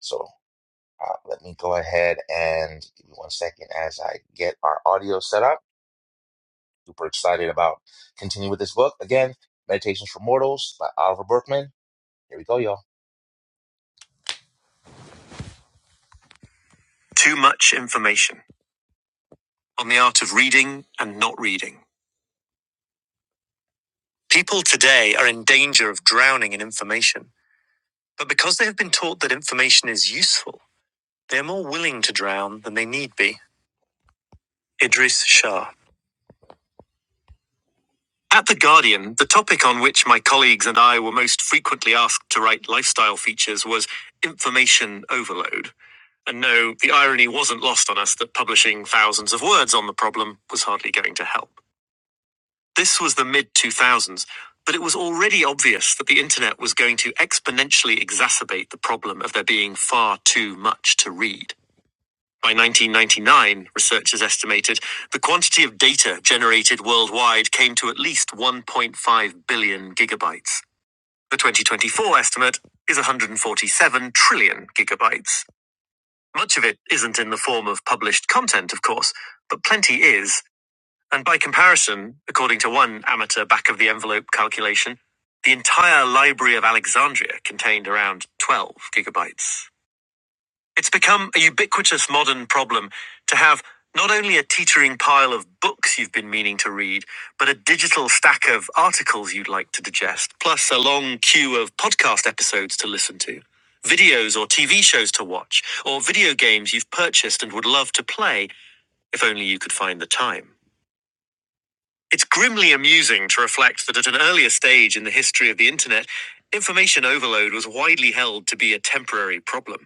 A: So uh, let me go ahead and give me one second as I get our audio set up. Super excited about continuing with this book. Again, Meditations for Mortals by Oliver Berkman. Here we go, y'all. Too much information on the art of reading and not reading. People today are in danger of drowning in information, but because they have been taught that information is useful, they are more willing to drown than they need be. Idris Shah. At The Guardian, the topic on which my colleagues and I were most frequently asked to write lifestyle features was information overload. And no, the irony wasn't lost on us that publishing thousands of words on the problem was hardly going to help. This was the mid 2000s, but it was already obvious that the internet was going to exponentially exacerbate the problem of there being far too much to read. By 1999, researchers estimated the quantity of data generated worldwide came to at least 1.5 billion gigabytes. The 2024 estimate is 147 trillion gigabytes. Much of it isn't in the form of published content, of course, but plenty is. And by comparison, according to one amateur back of the envelope calculation, the entire Library of Alexandria contained around 12 gigabytes. It's become a ubiquitous modern problem to have not only a teetering pile of books you've been meaning to read, but a digital stack of articles you'd like to digest, plus a long queue of podcast episodes to listen to, videos or TV shows to watch, or video games you've purchased and would love to play if only you could find the time. It's grimly amusing to reflect that at an earlier stage in the history of the internet, information overload was widely held to be a temporary problem.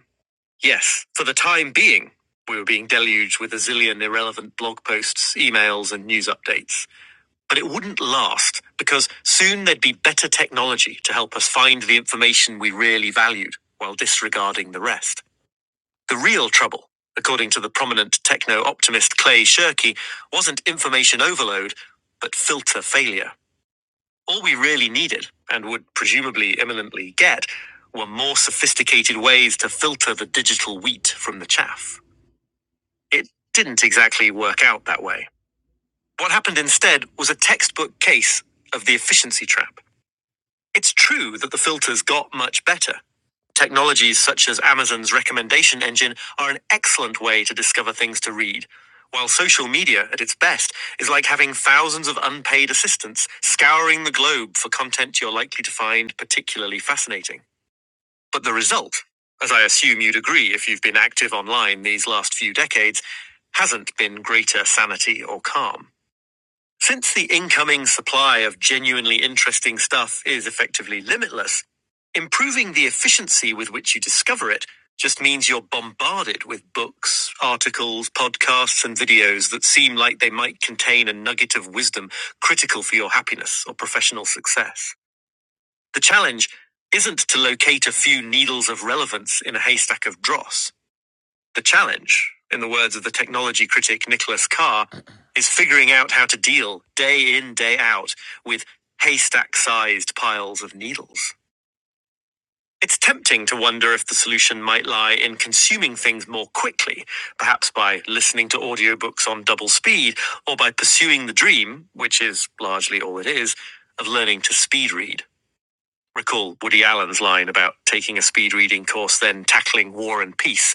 A: Yes, for the time being, we were being deluged with a zillion irrelevant blog posts, emails, and news updates. But it wouldn't last, because soon there'd be better technology to help us find the information we really valued while disregarding the rest. The real trouble, according to the prominent techno optimist Clay Shirky, wasn't information overload, but filter failure. All we really needed, and would presumably imminently get, were more sophisticated ways to filter the digital wheat from the chaff. It didn't exactly work out that way. What happened instead was a textbook case of the efficiency trap. It's true that the filters got much better. Technologies such as Amazon's recommendation engine are an excellent way to discover things to read, while social media, at its best, is like having thousands of unpaid assistants scouring the globe for content you're likely to find particularly fascinating. But the result, as I assume you'd agree if you've been active online these last few decades, hasn't been greater sanity or calm. Since the incoming supply of genuinely interesting stuff is effectively limitless, improving the efficiency with which you discover it just means you're bombarded with books, articles, podcasts, and videos that seem like they might contain a nugget of wisdom critical for your happiness or professional success. The challenge isn't to locate a few needles of relevance in a haystack of dross. The challenge, in the words of the technology critic Nicholas Carr, is figuring out how to deal day in, day out with haystack sized piles of needles. It's tempting to wonder if the solution might lie in consuming things more quickly, perhaps by listening to audiobooks on double speed, or by pursuing the dream, which is largely all it is, of learning to speed read. Recall Woody Allen's line about taking a speed reading course, then tackling war and peace.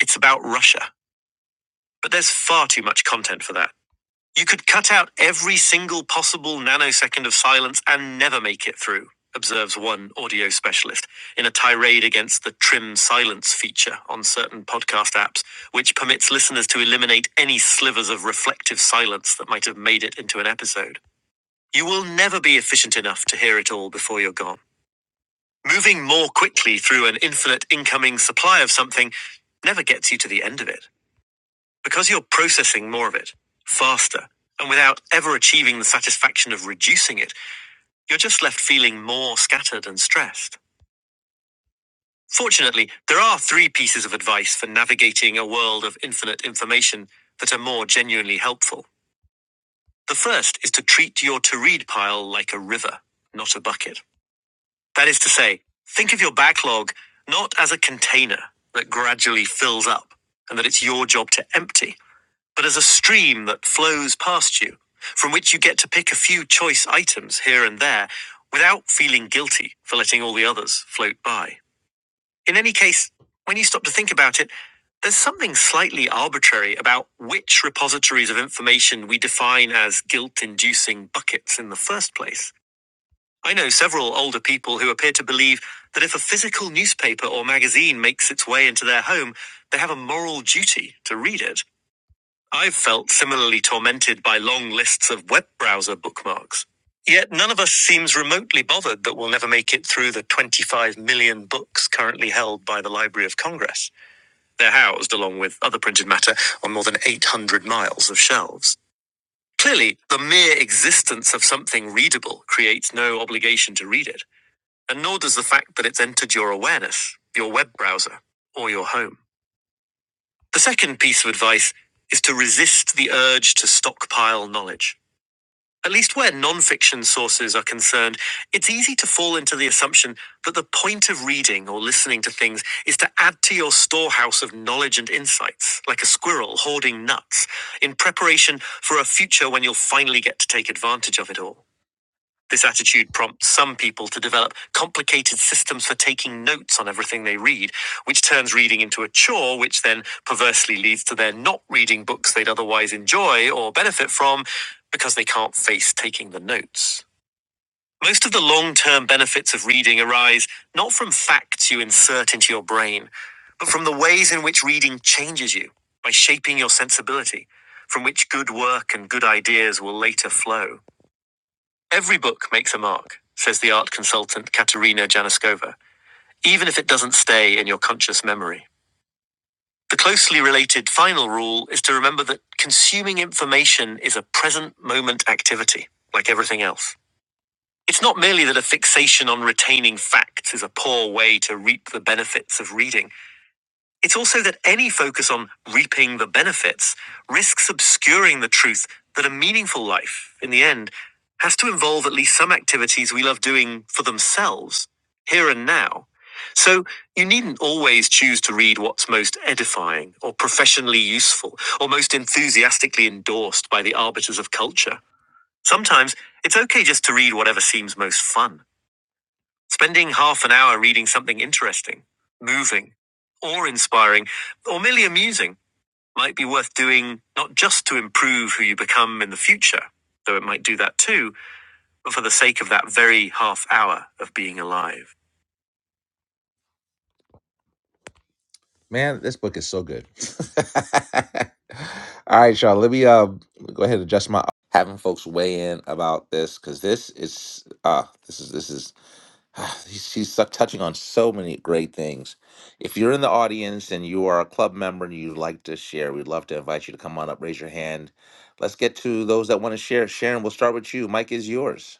A: It's about Russia. But there's far too much content for that. You could cut out every single possible nanosecond of silence and never make it through, observes one audio specialist in a tirade against the trim silence feature on certain podcast apps, which permits listeners to eliminate any slivers of reflective silence that might have made it into an episode. You will never be efficient enough to hear it all before you're gone. Moving more quickly through an infinite incoming supply of something never gets you to the end of it because you're processing more of it faster. And without ever achieving the satisfaction of reducing it, you're just left feeling more scattered and stressed. Fortunately, there are three pieces of advice for navigating a world of infinite information that are more genuinely helpful. The first is to treat your to read pile like a river, not a bucket. That is to say, think of your backlog not as a container that gradually fills up and that it's your job to empty, but as a stream that flows past you, from which you get to pick a few choice items here and there without feeling guilty for letting all the others float by. In any case, when you stop to think about it, there's something slightly arbitrary about which repositories of information we define as guilt inducing buckets in the first place. I know several older people who appear to believe that if a physical newspaper or magazine makes its way into their home, they have a moral duty to read it. I've felt similarly tormented by long lists of web browser bookmarks. Yet none of us seems remotely bothered that we'll never make it through the 25 million books currently held by the Library of Congress. They're housed, along with other printed matter, on more than 800 miles of shelves. Clearly, the mere existence of something readable creates no obligation to read it and nor does the fact that it's entered your awareness, your web browser, or your home. The second piece of advice is to resist the urge to stockpile knowledge. At least where non-fiction sources are concerned, it's easy to fall into the assumption that the point of reading or listening to things is to add to your storehouse of knowledge and insights, like a squirrel hoarding nuts, in preparation for a future when you'll finally get to take advantage of it all. This attitude prompts some people to develop complicated systems for taking notes on everything they read, which turns reading into a chore, which then perversely leads to their not reading books they'd otherwise enjoy or benefit from because they can't face taking the notes. Most of the long term benefits of reading arise not from facts you insert into your brain, but from the ways in which reading changes you by shaping your sensibility, from which good work and good ideas will later flow. Every book makes a mark, says the art consultant Katerina Janoskova, even if it doesn't stay in your conscious memory. The closely related final rule is to remember that consuming information is a present moment activity, like everything else. It's not merely that a fixation on retaining facts is a poor way to reap the benefits of reading. It's also that any focus on reaping the benefits risks obscuring the truth that a meaningful life, in the end, has to involve at least some activities we love doing for themselves, here and now. So you needn't always choose to read what's most edifying or professionally useful or most enthusiastically endorsed by the arbiters of culture. Sometimes it's okay just to read whatever seems most fun. Spending half an hour reading something interesting, moving, or inspiring, or merely amusing might be worth doing not just to improve who you become in the future, though it might do that too, but for the sake of that very half hour of being alive. Man, this book is so good. All right, y'all. Let me uh, go ahead and adjust my having folks weigh in about this because this is uh this is this is he's, he's su- touching on so many great things. If you're in the audience and you are a club member and you'd like to share, we'd love to invite you to come on up, raise your hand. Let's get to those that want to share. Sharon, we'll start with you. Mike is yours.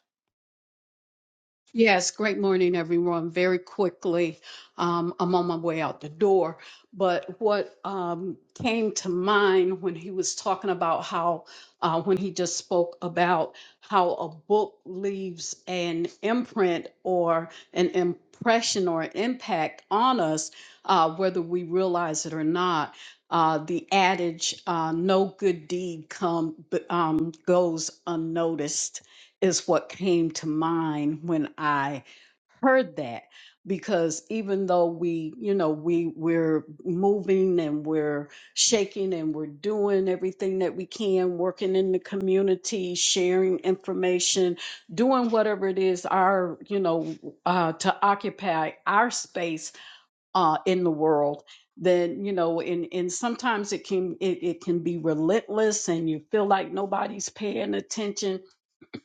G: Yes, great morning, everyone. Very quickly, um, I'm on my way out the door. But what um, came to mind when he was talking about how, uh, when he just spoke about how a book leaves an imprint or an impression or an impact on us, uh, whether we realize it or not. Uh, the adage, uh, "No good deed come, um, goes unnoticed." is what came to mind when I heard that because even though we you know we we're moving and we're shaking and we're doing everything that we can working in the community sharing information doing whatever it is our you know uh to occupy our space uh in the world then you know and and sometimes it can it, it can be relentless and you feel like nobody's paying attention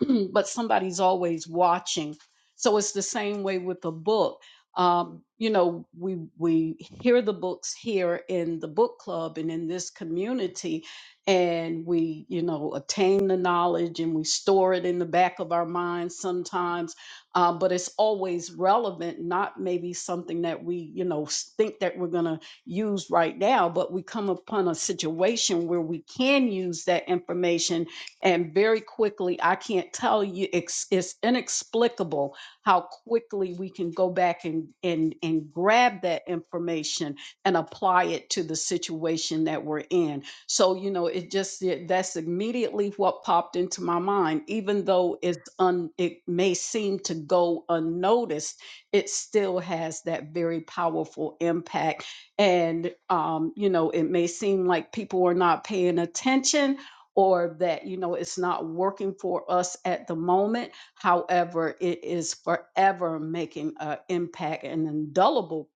G: but somebody's always watching. So it's the same way with the book. Um, you know, we we hear the books here in the book club and in this community, and we you know attain the knowledge and we store it in the back of our minds sometimes, uh, but it's always relevant. Not maybe something that we you know s- think that we're gonna use right now, but we come upon a situation where we can use that information and very quickly, I can't tell you, it's, it's inexplicable how quickly we can go back and, and, and grab that information and apply it to the situation that we're in. So, you know, it just, it, that's immediately what popped into my mind. Even though it's un, it may seem to go unnoticed, it still has that very powerful impact and um, you know it may seem like people are not paying attention or that you know it's not working for us at the moment however it is forever making an impact an indelible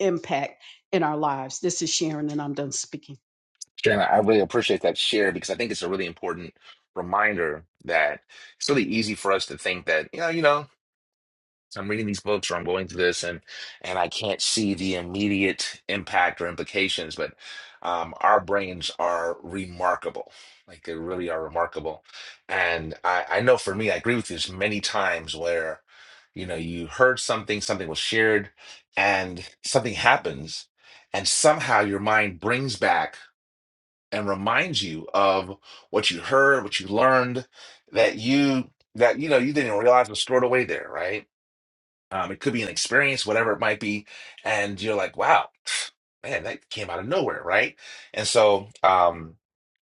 G: impact in our lives this is sharon and i'm done speaking
A: Sharon, I really appreciate that share because I think it's a really important reminder that it's really easy for us to think that, you know, you know, I'm reading these books or I'm going through this and and I can't see the immediate impact or implications, but um, our brains are remarkable. Like they really are remarkable. And I, I know for me, I agree with you, there's many times where, you know, you heard something, something was shared, and something happens, and somehow your mind brings back and remind you of what you heard, what you learned, that you that you know you didn't even realize was stored away there, right? Um, it could be an experience, whatever it might be, and you're like, wow, man, that came out of nowhere, right? And so, um,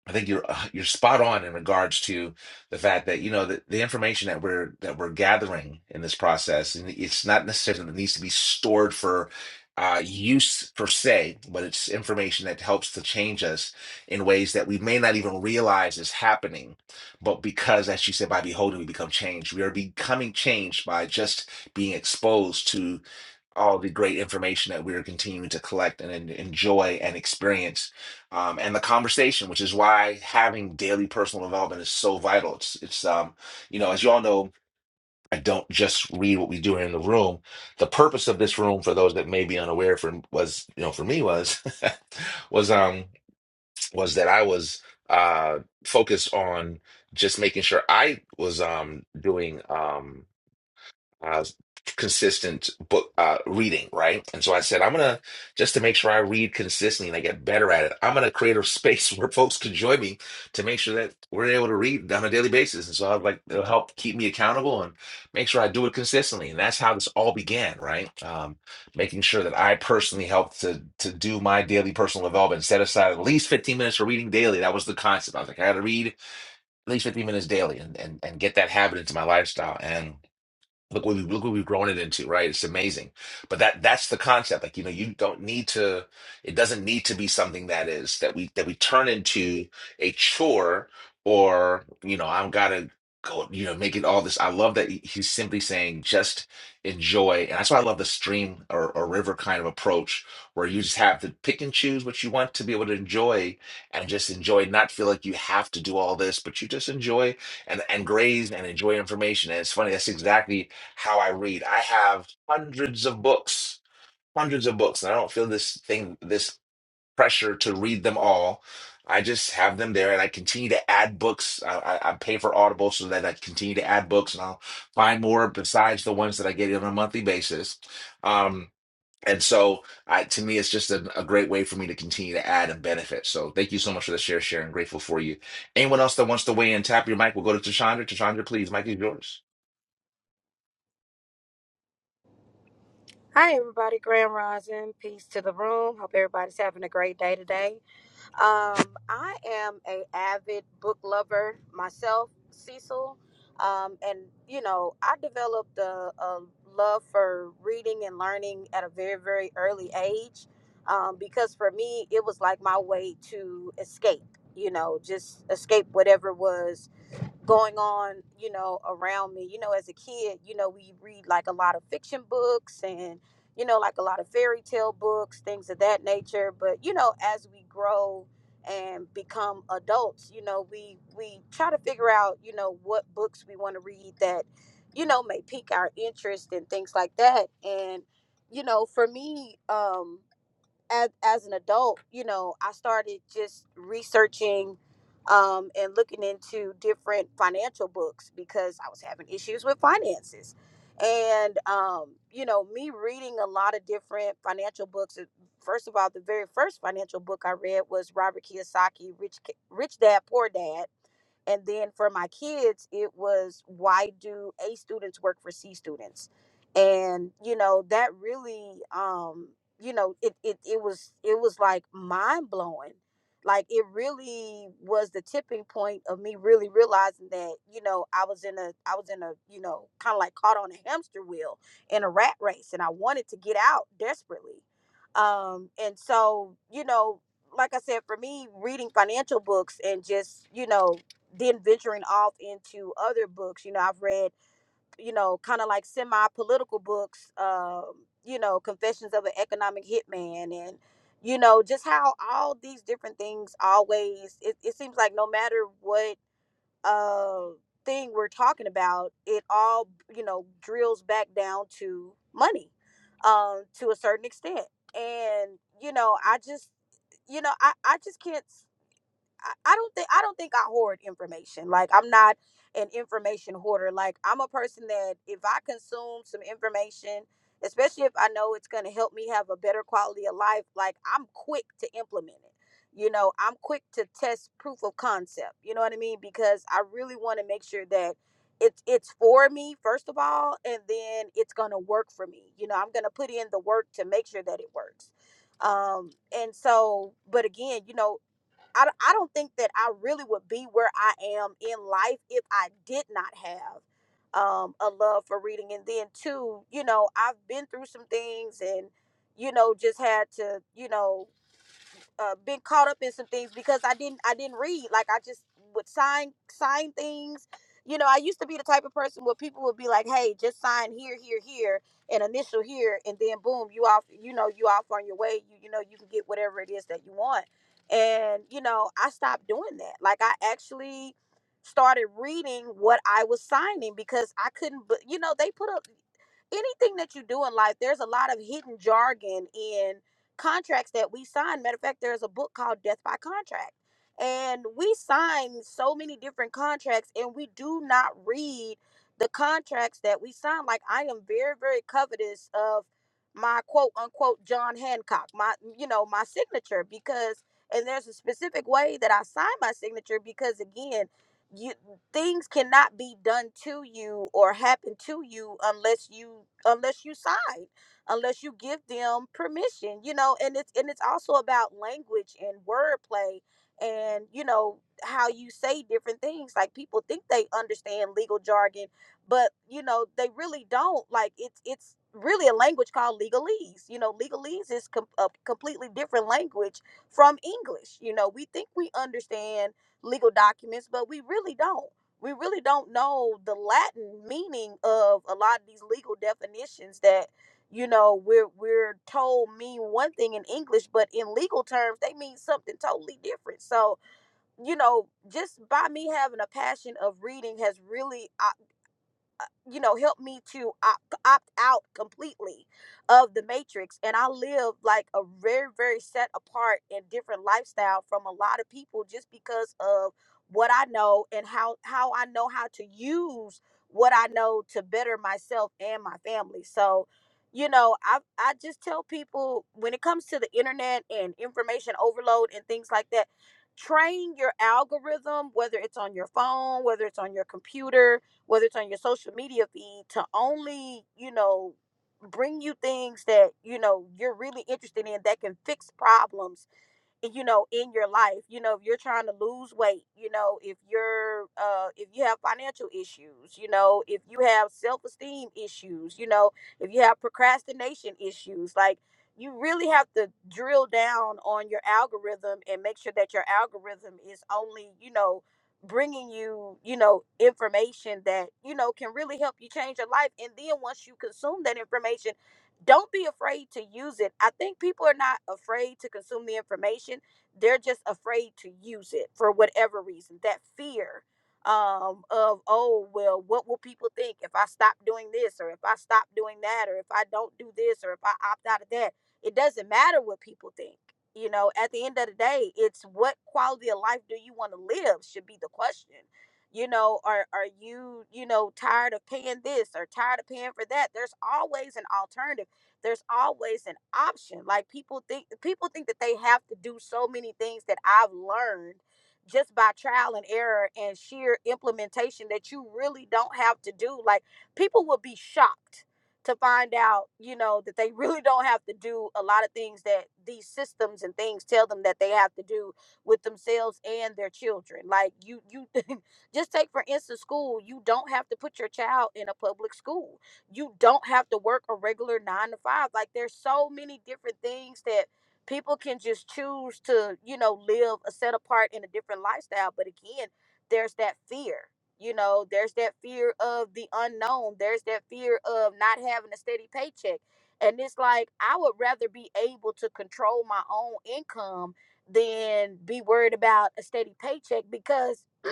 A: I think you're uh, you're spot on in regards to the fact that you know the, the information that we're that we're gathering in this process, and it's not necessarily that it needs to be stored for uh, use per se, but it's information that helps to change us in ways that we may not even realize is happening. But because, as you said, by beholding, we become changed. We are becoming changed by just being exposed to all the great information that we're continuing to collect and en- enjoy and experience um, and the conversation which is why having daily personal development is so vital it's, it's um, you know as you all know i don't just read what we do in the room the purpose of this room for those that may be unaware for was you know for me was was um was that i was uh focused on just making sure i was um doing um uh, consistent book uh, reading, right? And so I said, I'm gonna just to make sure I read consistently and I get better at it. I'm gonna create a space where folks can join me to make sure that we're able to read on a daily basis. And so I was like it'll help keep me accountable and make sure I do it consistently. And that's how this all began, right? Um, making sure that I personally helped to to do my daily personal development, set aside at least 15 minutes for reading daily. That was the concept. I was like, I gotta read at least 15 minutes daily and and, and get that habit into my lifestyle and look what we look what we've grown it into, right? It's amazing. But that that's the concept. Like, you know, you don't need to it doesn't need to be something that is that we that we turn into a chore or, you know, I'm gotta go, you know, make it all this. I love that he- he's simply saying just enjoy. And that's why I love the stream or, or river kind of approach where you just have to pick and choose what you want to be able to enjoy and just enjoy, not feel like you have to do all this, but you just enjoy and and graze and enjoy information. And it's funny, that's exactly how I read. I have hundreds of books, hundreds of books, and I don't feel this thing, this pressure to read them all. I just have them there, and I continue to add books. I, I, I pay for Audible so that I continue to add books, and I'll find more besides the ones that I get on a monthly basis. Um, and so, I, to me, it's just a, a great way for me to continue to add and benefit. So, thank you so much for the share, Sharon. Grateful for you. Anyone else that wants to weigh in, tap your mic. We'll go to Tashandra. Tashandra, please. Mic is yours.
O: Hi, everybody. Graham Rosin. Peace to the room. Hope everybody's having a great day today. Um, I am a avid book lover myself, Cecil, um, and you know I developed a, a love for reading and learning at a very, very early age um, because for me it was like my way to escape. You know, just escape whatever was going on, you know, around me. You know, as a kid, you know, we read like a lot of fiction books and, you know, like a lot of fairy tale books, things of that nature. But, you know, as we grow and become adults, you know, we we try to figure out, you know, what books we want to read that, you know, may pique our interest and things like that. And, you know, for me, um, as as an adult, you know, I started just researching um, and looking into different financial books because I was having issues with finances. And um, you know, me reading a lot of different financial books. uh, First of all, the very first financial book I read was Robert Kiyosaki, Rich Ki- Rich Dad Poor Dad and then for my kids, it was why do A students work for C students? And you know, that really um, you know, it it it was it was like mind blowing. Like it really was the tipping point of me really realizing that, you know, I was in a I was in a, you know, kind of like caught on a hamster wheel in a rat race and I wanted to get out desperately. Um and so, you know, like I said, for me, reading financial books and just, you know, then venturing off into other books you know i've read you know kind of like semi-political books um you know confessions of an economic hitman and you know just how all these different things always it, it seems like no matter what uh thing we're talking about it all you know drills back down to money um to a certain extent and you know i just you know i i just can't I I don't think I don't think I hoard information. Like I'm not an information hoarder. Like I'm a person that if I consume some information, especially if I know it's going to help me have a better quality of life, like I'm quick to implement it. You know, I'm quick to test proof of concept. You know what I mean? Because I really want to make sure that it's it's for me first of all, and then it's going to work for me. You know, I'm going to put in the work to make sure that it works um and so but again you know I I d- I don't think that I really would be where I am in life if I did not have um, a love for reading. And then, too, you know, I've been through some things and, you know, just had to, you know, uh, been caught up in some things because I didn't I didn't read. Like I just would sign sign things. You know, I used to be the type of person where people would be like, "Hey, just sign here, here, here, and initial here, and then boom, you off. You know, you off on your way. You you know, you can get whatever it is that you want." And you know, I stopped doing that. Like I actually started reading what I was signing because I couldn't. But you know, they put a anything that you do in life, there's a lot of hidden jargon in contracts that we sign. Matter of fact, there is a book called Death by Contract. And we sign so many different contracts and we do not read the contracts that we sign. Like I am very, very covetous of my quote unquote John Hancock, my you know, my signature because and there's a specific way that I sign my signature because again, you things cannot be done to you or happen to you unless you unless you sign unless you give them permission, you know, and it's and it's also about language and wordplay and you know how you say different things like people think they understand legal jargon but you know they really don't like it's it's really a language called legalese you know legalese is com- a completely different language from english you know we think we understand legal documents but we really don't we really don't know the latin meaning of a lot of these legal definitions that you know we're we're told mean one thing in english but in legal terms they mean something totally different so you know just by me having a passion of reading has really uh, you know helped me to opt, opt out completely of the matrix and i live like a very very set apart and different lifestyle from a lot of people just because of what i know and how how i know how to use what i know to better myself and my family so you know i i just tell people when it comes to the internet and information overload and things like that train your algorithm whether it's on your phone whether it's on your computer whether it's on your social media feed, to only, you know, bring you things that, you know, you're really interested in that can fix problems you know in your life you know if you're trying to lose weight you know if you're uh if you have financial issues you know if you have self-esteem issues you know if you have procrastination issues like you really have to drill down on your algorithm and make sure that your algorithm is only you know bringing you you know information that you know can really help you change your life and then once you consume that information don't be afraid to use it. I think people are not afraid to consume the information. They're just afraid to use it for whatever reason. That fear um, of, oh, well, what will people think if I stop doing this or if I stop doing that or if I don't do this or if I opt out of that? It doesn't matter what people think. You know, at the end of the day, it's what quality of life do you want to live should be the question you know are are you you know tired of paying this or tired of paying for that there's always an alternative there's always an option like people think people think that they have to do so many things that i've learned just by trial and error and sheer implementation that you really don't have to do like people would be shocked to find out you know that they really don't have to do a lot of things that these systems and things tell them that they have to do with themselves and their children like you you just take for instance school you don't have to put your child in a public school you don't have to work a regular nine to five. Like there's so many different things that people can just choose to, you know, live a set apart in a different lifestyle. But again, there's that fear. You know, there's that fear of the unknown. There's that fear of not having a steady paycheck. And it's like I would rather be able to control my own income than be worried about a steady paycheck because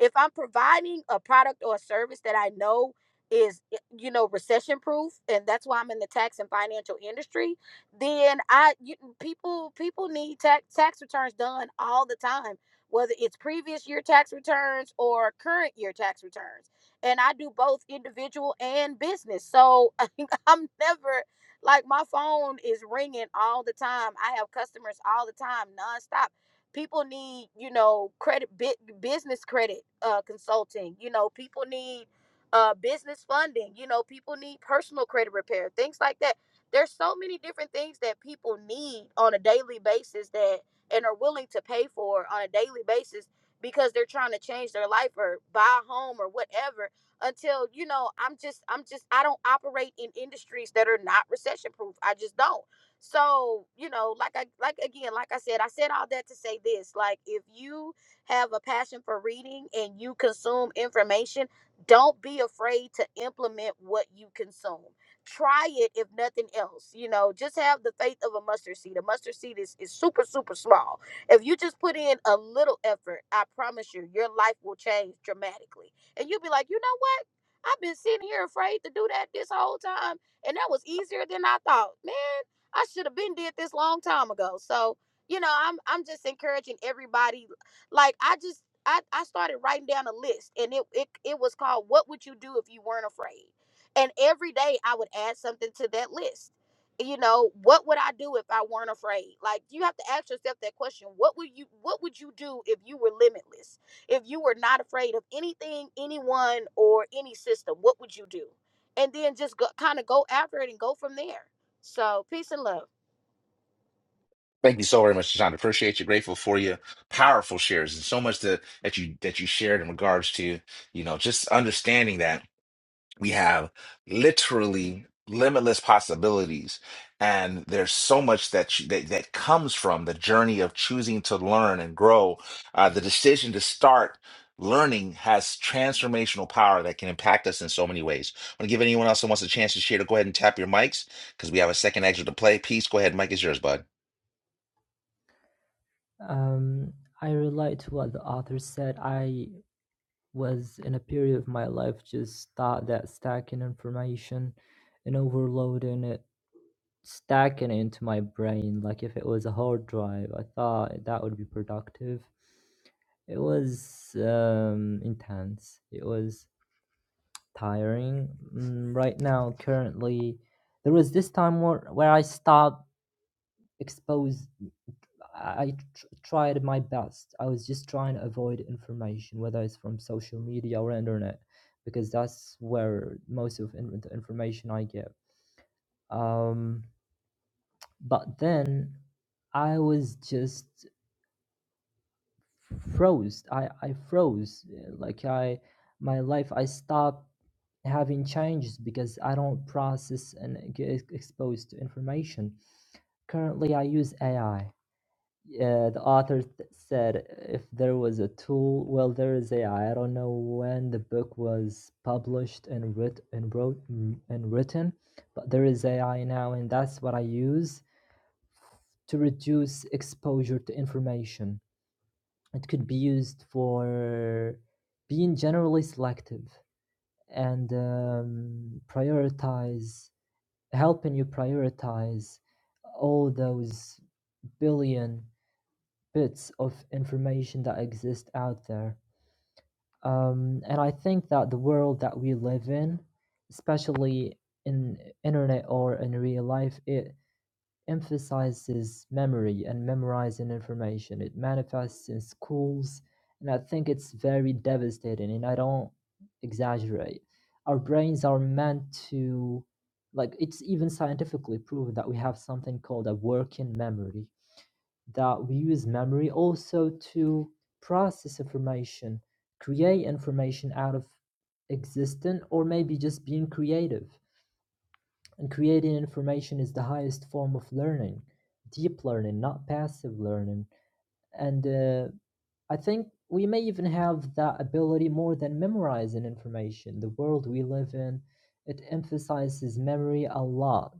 O: if I'm providing a product or a service that I know is you know recession proof and that's why I'm in the tax and financial industry then I you, people people need tax tax returns done all the time whether it's previous year tax returns or current year tax returns and I do both individual and business so I'm never like my phone is ringing all the time I have customers all the time nonstop people need you know credit bit business credit uh consulting you know people need uh, business funding. You know, people need personal credit repair, things like that. There's so many different things that people need on a daily basis that and are willing to pay for on a daily basis because they're trying to change their life or buy a home or whatever until you know i'm just i'm just i don't operate in industries that are not recession proof i just don't so you know like i like again like i said i said all that to say this like if you have a passion for reading and you consume information don't be afraid to implement what you consume try it if nothing else you know just have the faith of a mustard seed a mustard seed is, is super super small if you just put in a little effort i promise you your life will change dramatically and you'll be like you know what i've been sitting here afraid to do that this whole time and that was easier than i thought man i should have been did this long time ago so you know i'm i'm just encouraging everybody like I just I, I started writing down a list and it, it it was called What Would You Do If You Weren't Afraid? And every day I would add something to that list. You know, what would I do if I weren't afraid? Like you have to ask yourself that question. What would you what would you do if you were limitless? If you were not afraid of anything, anyone, or any system, what would you do? And then just go, kind of go after it and go from there. So peace and love.
A: Thank you so very much, John. Appreciate you. Grateful for you. Powerful shares and so much that that you that you shared in regards to you know just understanding that we have literally limitless possibilities, and there's so much that you, that that comes from the journey of choosing to learn and grow. Uh, the decision to start learning has transformational power that can impact us in so many ways. I want to give anyone else who wants a chance to share to go ahead and tap your mics because we have a second exit to play. Peace. Go ahead, Mike is yours, bud.
H: Um, I relate to what the author said. I was in a period of my life just thought that stacking information and overloading it, stacking it into my brain, like if it was a hard drive, I thought that would be productive. It was um, intense. It was tiring. Mm, right now, currently, there was this time where, where I stopped exposed I tr- tried my best. I was just trying to avoid information, whether it's from social media or internet, because that's where most of in- the information I get. Um, but then I was just froze. I, I froze. uh, Like I, my life, I stopped having changes because I don't process and get e-, exposed to information. Currently, I use AI. Yeah, the author th- said if there was a tool, well, there is AI. I I don't know when the book was published and writ and wrote mm, and written, but there is AI now, and that's what I use to reduce exposure to information. It could be used for being generally selective and um, prioritize, helping you prioritize all those billion bits of information that exist out there. Um, and I think that the world that we live in, especially in internet or in real life, it emphasizes memory and memorizing information. It manifests in schools, and I think it's very devastating, and I don't exaggerate. Our brains are meant to, like, it's even scientifically proven that we have something called a working memory that we use memory also to process information, create information out of existent, or maybe just being creative. And creating information is the highest form of learning, deep learning, not passive learning. And uh, I think we may even have that ability more than memorizing information. The world we live in, it emphasizes memory a lot.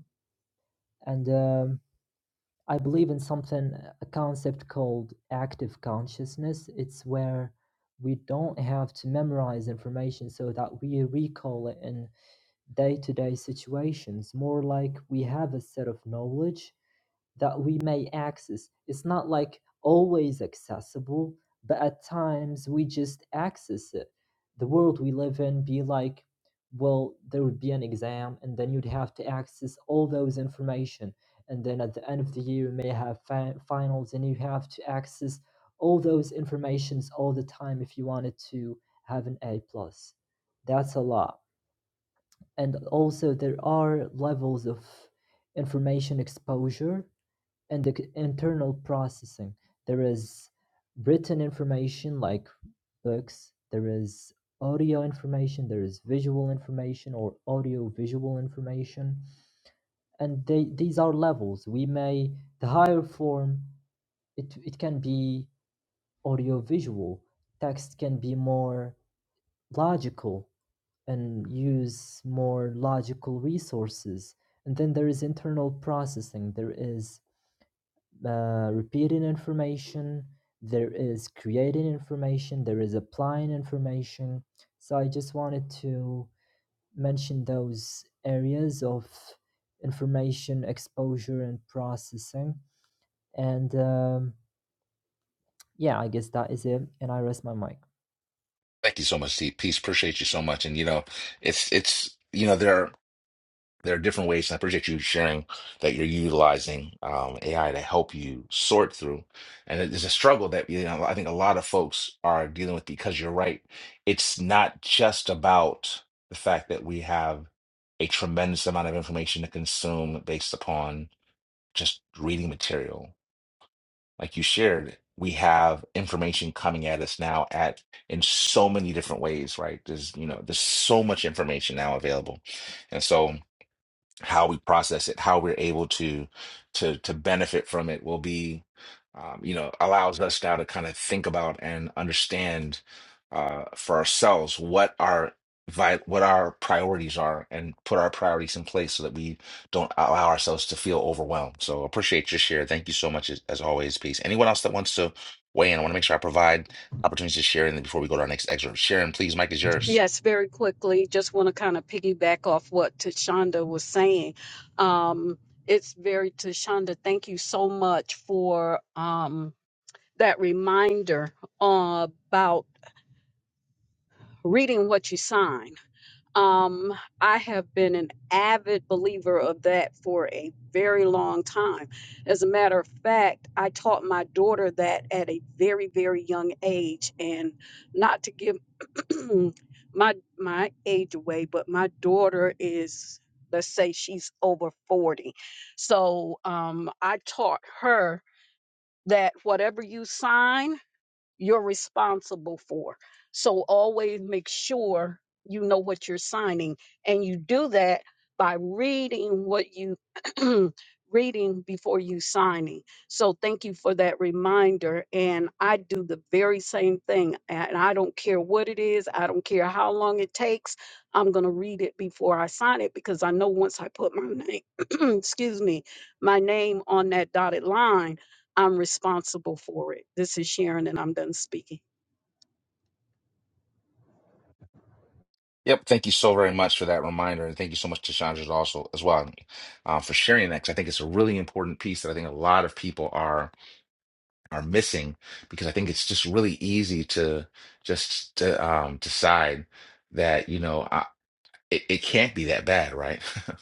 H: And um, I believe in something, a concept called active consciousness. It's where we don't have to memorize information so that we recall it in day to day situations, more like we have a set of knowledge that we may access. It's not like always accessible, but at times we just access it. The world we live in be like, well, there would be an exam, and then you'd have to access all those information. And then at the end of the year, you may have fi- finals, and you have to access all those informations all the time if you wanted to have an A plus. That's a lot. And also, there are levels of information exposure and the c- internal processing. There is written information like books, there is audio information, there is visual information or audio visual information. And they, these are levels. We may, the higher form, it, it can be audio visual, text can be more logical and use more logical resources. And then there is internal processing, there is uh, repeating information, there is creating information, there is applying information. So I just wanted to mention those areas of information exposure and processing. And um, yeah, I guess that is it. And I rest my mic.
A: Thank you so much, Steve. Peace. Appreciate you so much. And you know, it's it's you know there are there are different ways, and I appreciate you sharing that you're utilizing um, AI to help you sort through. And it is a struggle that you know I think a lot of folks are dealing with because you're right. It's not just about the fact that we have a tremendous amount of information to consume based upon just reading material like you shared, we have information coming at us now at in so many different ways, right? There's, you know, there's so much information now available. And so how we process it, how we're able to to to benefit from it will be, um, you know, allows us now to kind of think about and understand uh, for ourselves what our vi- what our priorities are and put our priorities in place so that we don't allow ourselves to feel overwhelmed. So appreciate your share. Thank you so much as, as always. Peace. Anyone else that wants to weigh in, I want to make sure I provide opportunities to share in before we go to our next excerpt. Sharon, please, Mike is yours.
G: Yes, very quickly. Just want to kind of piggyback off what Tashonda was saying. Um, it's very Tashonda. Thank you so much for um, that reminder uh, about reading what you sign. Um, I have been an avid believer of that for a very long time. As a matter of fact, I taught my daughter that at a very, very young age, and not to give my my age away, but my daughter is, let's say, she's over forty. So um, I taught her that whatever you sign you're responsible for. So always make sure you know what you're signing and you do that by reading what you reading before you signing. So thank you for that reminder and I do the very same thing and I don't care what it is, I don't care how long it takes. I'm going to read it before I sign it because I know once I put my name excuse me, my name on that dotted line I'm responsible for it. This is Sharon, and I'm done speaking.
A: Yep, thank you so very much for that reminder, and thank you so much to Chandra also as well uh, for sharing that. 'cause I think it's a really important piece that I think a lot of people are are missing because I think it's just really easy to just to um, decide that you know it, it can't be that bad, right?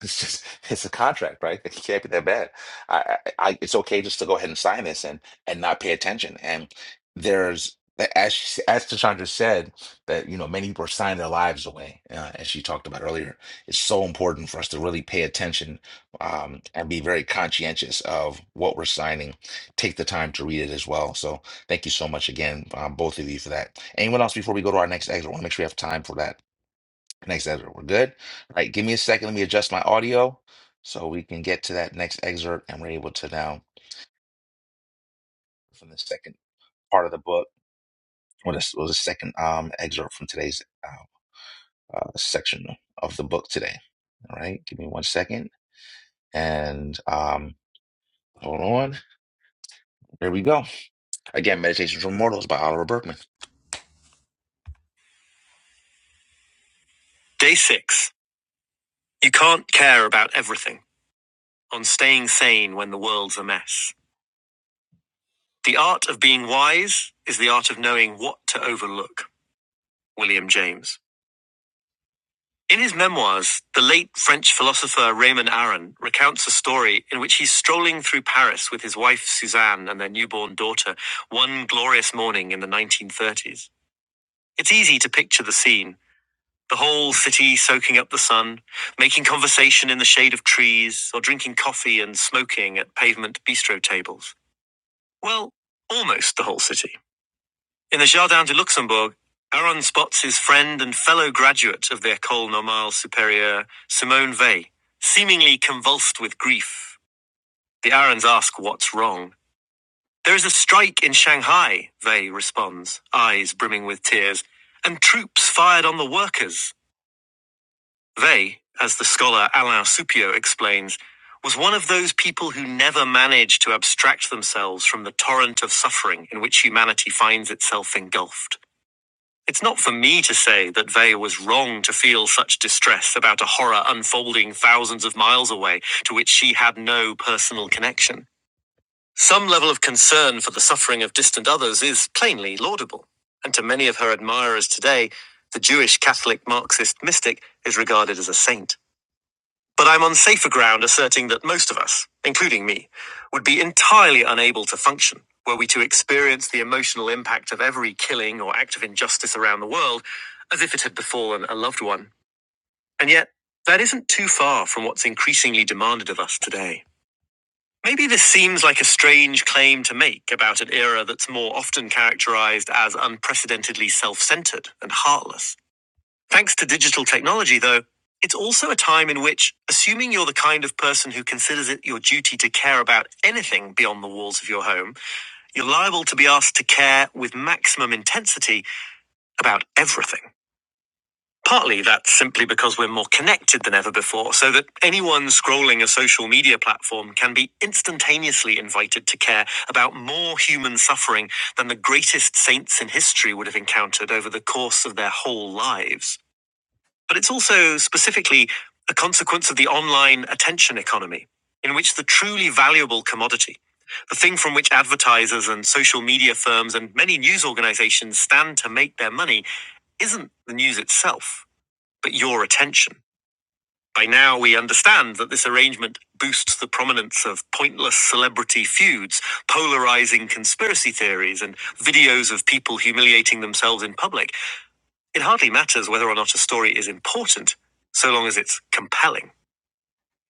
A: It's just it's a contract, right? It can't be that bad. I, I, I it's okay just to go ahead and sign this and and not pay attention. And there's as she, as Tashandra said that you know many people are signing their lives away, uh, as she talked about earlier. It's so important for us to really pay attention um, and be very conscientious of what we're signing. Take the time to read it as well. So thank you so much again, um, both of you for that. Anyone else before we go to our next exit? I want to make sure we have time for that. Next excerpt. We're good. All right, give me a second. Let me adjust my audio so we can get to that next excerpt and we're able to now from the second part of the book or the, or the second um excerpt from today's uh, uh, section of the book today. All right, give me one second and um hold on. There we go. Again, Meditations for Mortals by Oliver Berkman. Day six. You can't care about everything on staying sane when the world's a mess. The art of being wise is the art of knowing what to overlook. William James. In his memoirs, the late French philosopher Raymond Aron recounts a story in which he's strolling through Paris with his wife Suzanne and their newborn daughter one glorious morning in the 1930s. It's easy to picture the scene the whole city soaking up the sun, making conversation in the shade of trees, or drinking coffee and smoking at pavement bistro tables. Well, almost the whole city. In the Jardin de Luxembourg, Aron spots his friend and fellow graduate of the École Normale Supérieure, Simone Weil, seemingly convulsed with grief. The Arons ask what's wrong. There is a strike in Shanghai, Weil responds, eyes brimming with tears, and troops fired on the workers. Weil, as the scholar Alain Supio explains, was one of those people who never managed to abstract themselves from the torrent of suffering in which humanity finds itself engulfed. It's not for me to say that Vey was wrong to feel such distress about a horror unfolding thousands of miles away to which she had no personal connection. Some level of concern for the suffering of distant others is plainly laudable, and to many of her admirers today, the Jewish Catholic Marxist mystic is regarded as a saint. But I'm on safer ground asserting that most of us, including me, would be entirely unable to function were we to experience the emotional impact of every killing or act of injustice around the world as if it had befallen a loved one. And yet, that isn't too far from what's increasingly demanded of us today. Maybe this seems like a strange claim to make about an era that's more often characterized as unprecedentedly self centered and heartless. Thanks to digital technology, though, it's also a time in which, assuming you're the kind of person who considers it your duty to care about anything beyond the walls of your home, you're liable to be asked to care with maximum intensity about everything. Partly that's simply because we're more connected than ever before, so that anyone scrolling a social media platform can be instantaneously invited to care about more human suffering than the greatest saints in history would have encountered over the course of their whole lives. But it's also specifically a consequence of the online attention economy, in which the truly valuable commodity, the thing from which advertisers and social media firms and many news organizations stand to make their money, isn't the news itself, but your attention. By now, we understand that this arrangement boosts the prominence of pointless celebrity feuds, polarizing conspiracy theories, and videos of people humiliating themselves in public. It hardly matters whether or not a story is important, so long as it's compelling.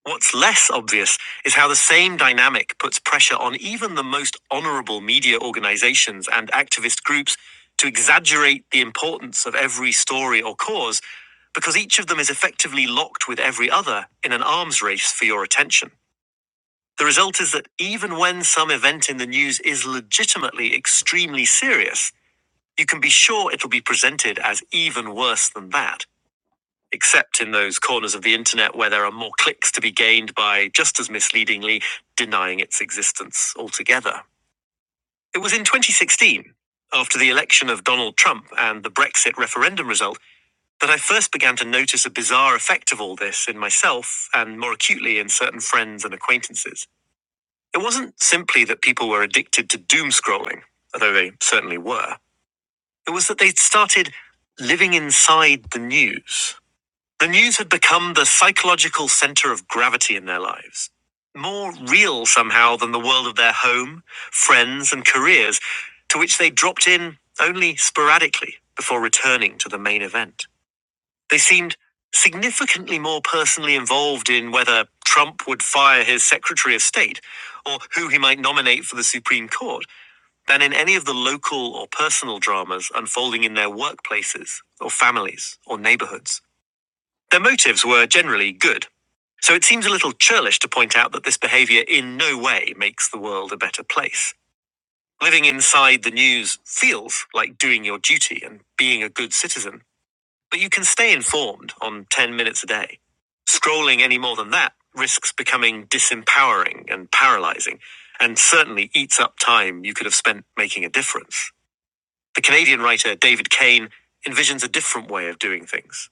A: What's less obvious is how the same dynamic puts pressure on even the most honorable media organizations and activist groups to exaggerate the importance of every story or cause, because each of them is effectively locked with every other in an arms race for your attention. The result is that even when some event in the news is legitimately extremely serious, you can be sure it'll be presented as even worse than that except in those corners of the internet where there are more clicks to be gained by, just as misleadingly, denying its existence altogether. It was in 2016, after the election of Donald Trump and the Brexit referendum result, that I first began to notice a bizarre effect of all this in myself and more acutely in certain friends and acquaintances. It wasn't simply that people were addicted to doom scrolling, although they certainly were. It was that they'd started living inside the news the news had become the psychological center of gravity in their lives. More real somehow than the world of their home, friends, and careers, to which they dropped in only sporadically before returning to the main event. They seemed significantly more personally involved in whether Trump would fire his Secretary of State or who he might nominate for the Supreme Court than in any of the local or personal dramas unfolding in their workplaces or families or neighborhoods. Their motives were generally good, so it seems a little churlish to point out that this behaviour in no way makes the world a better place. Living inside the news feels like doing your duty and being a good citizen, but you can stay informed on 10 minutes a day. Scrolling any more than that risks becoming disempowering and paralysing, and certainly eats up time you could have spent making a difference. The Canadian writer David Kane envisions a different way of doing things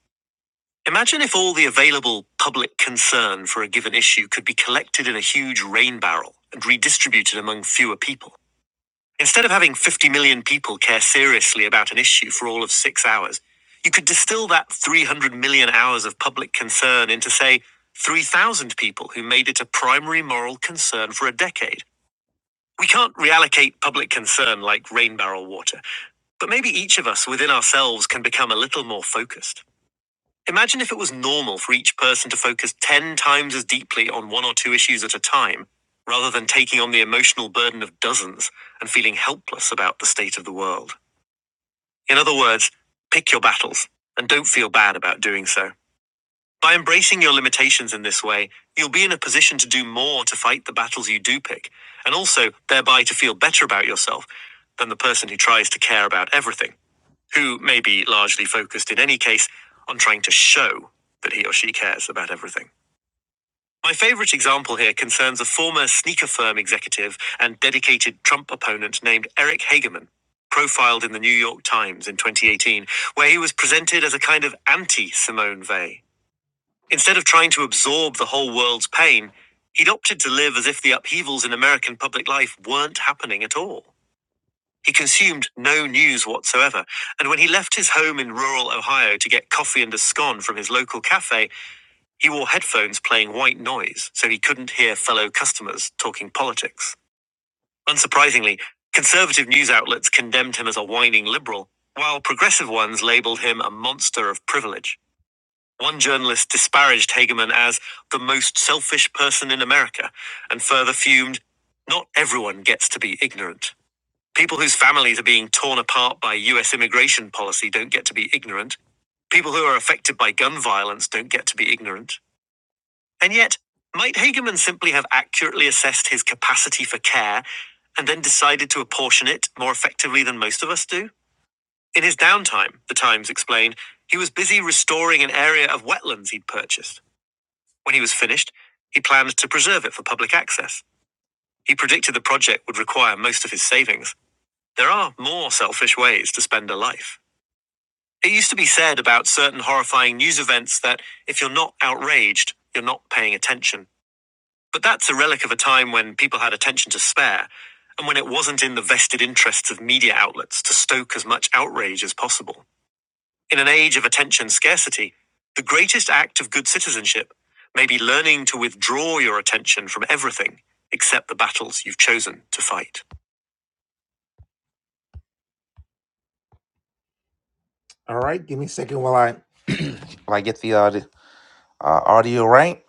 A: Imagine if all the available public concern for a given issue could be collected in a huge rain barrel and redistributed among fewer people. Instead of having 50 million people care seriously about an issue for all of six hours, you could distill that 300 million hours of public concern into, say, 3,000 people who made it a primary moral concern for a decade. We can't reallocate public concern like rain barrel water, but maybe each of us within ourselves can become a little more focused. Imagine if it was normal for each person to focus 10 times as deeply on one or two issues at a time, rather than taking on the emotional burden of dozens and feeling helpless about the state of the world. In other words, pick your battles and don't feel bad about doing so. By embracing your limitations in this way, you'll be in a position to do more to fight the battles you do pick, and also thereby to feel better about yourself than the person who tries to care about everything who may be largely focused in any case on trying to show that he or she cares about everything. My favorite example here concerns a former sneaker firm executive and dedicated Trump opponent named Eric Hageman, profiled in the New York Times in 2018, where he was presented as a kind of anti Simone Weil. Instead of trying to absorb the whole world's pain, he'd opted to live as if the upheavals in American public life weren't happening at all. He consumed no news whatsoever, and when he left his home in rural Ohio to get coffee and a scone from his local cafe, he wore headphones playing white noise so he couldn't hear fellow customers talking politics. Unsurprisingly, conservative news outlets condemned him as a whining liberal, while progressive ones labeled him a monster of privilege. One journalist disparaged Hagerman as the most selfish person in America and further fumed, Not everyone gets to be ignorant. People whose families are being torn apart by US immigration policy don't get to be ignorant. People who are affected by gun violence don't get to be ignorant. And yet, might Hagerman simply have accurately assessed his capacity for care and then decided to apportion it more effectively than most of us do? In his downtime, the Times explained, he was busy restoring an area of wetlands he'd purchased. When he was finished, he planned to preserve it for public access. He predicted the project would require most of his savings. There are more selfish ways to spend a life. It used to be said about certain horrifying news events that if you're not outraged, you're not paying attention. But that's a relic of a time when people had attention to spare, and when it wasn't in the vested interests of media outlets to stoke as much outrage as possible. In an age of attention scarcity, the greatest act of good citizenship may be learning to withdraw your attention from everything except the battles you've chosen to fight. All right, give me a second while I while I get the audio, uh, audio right.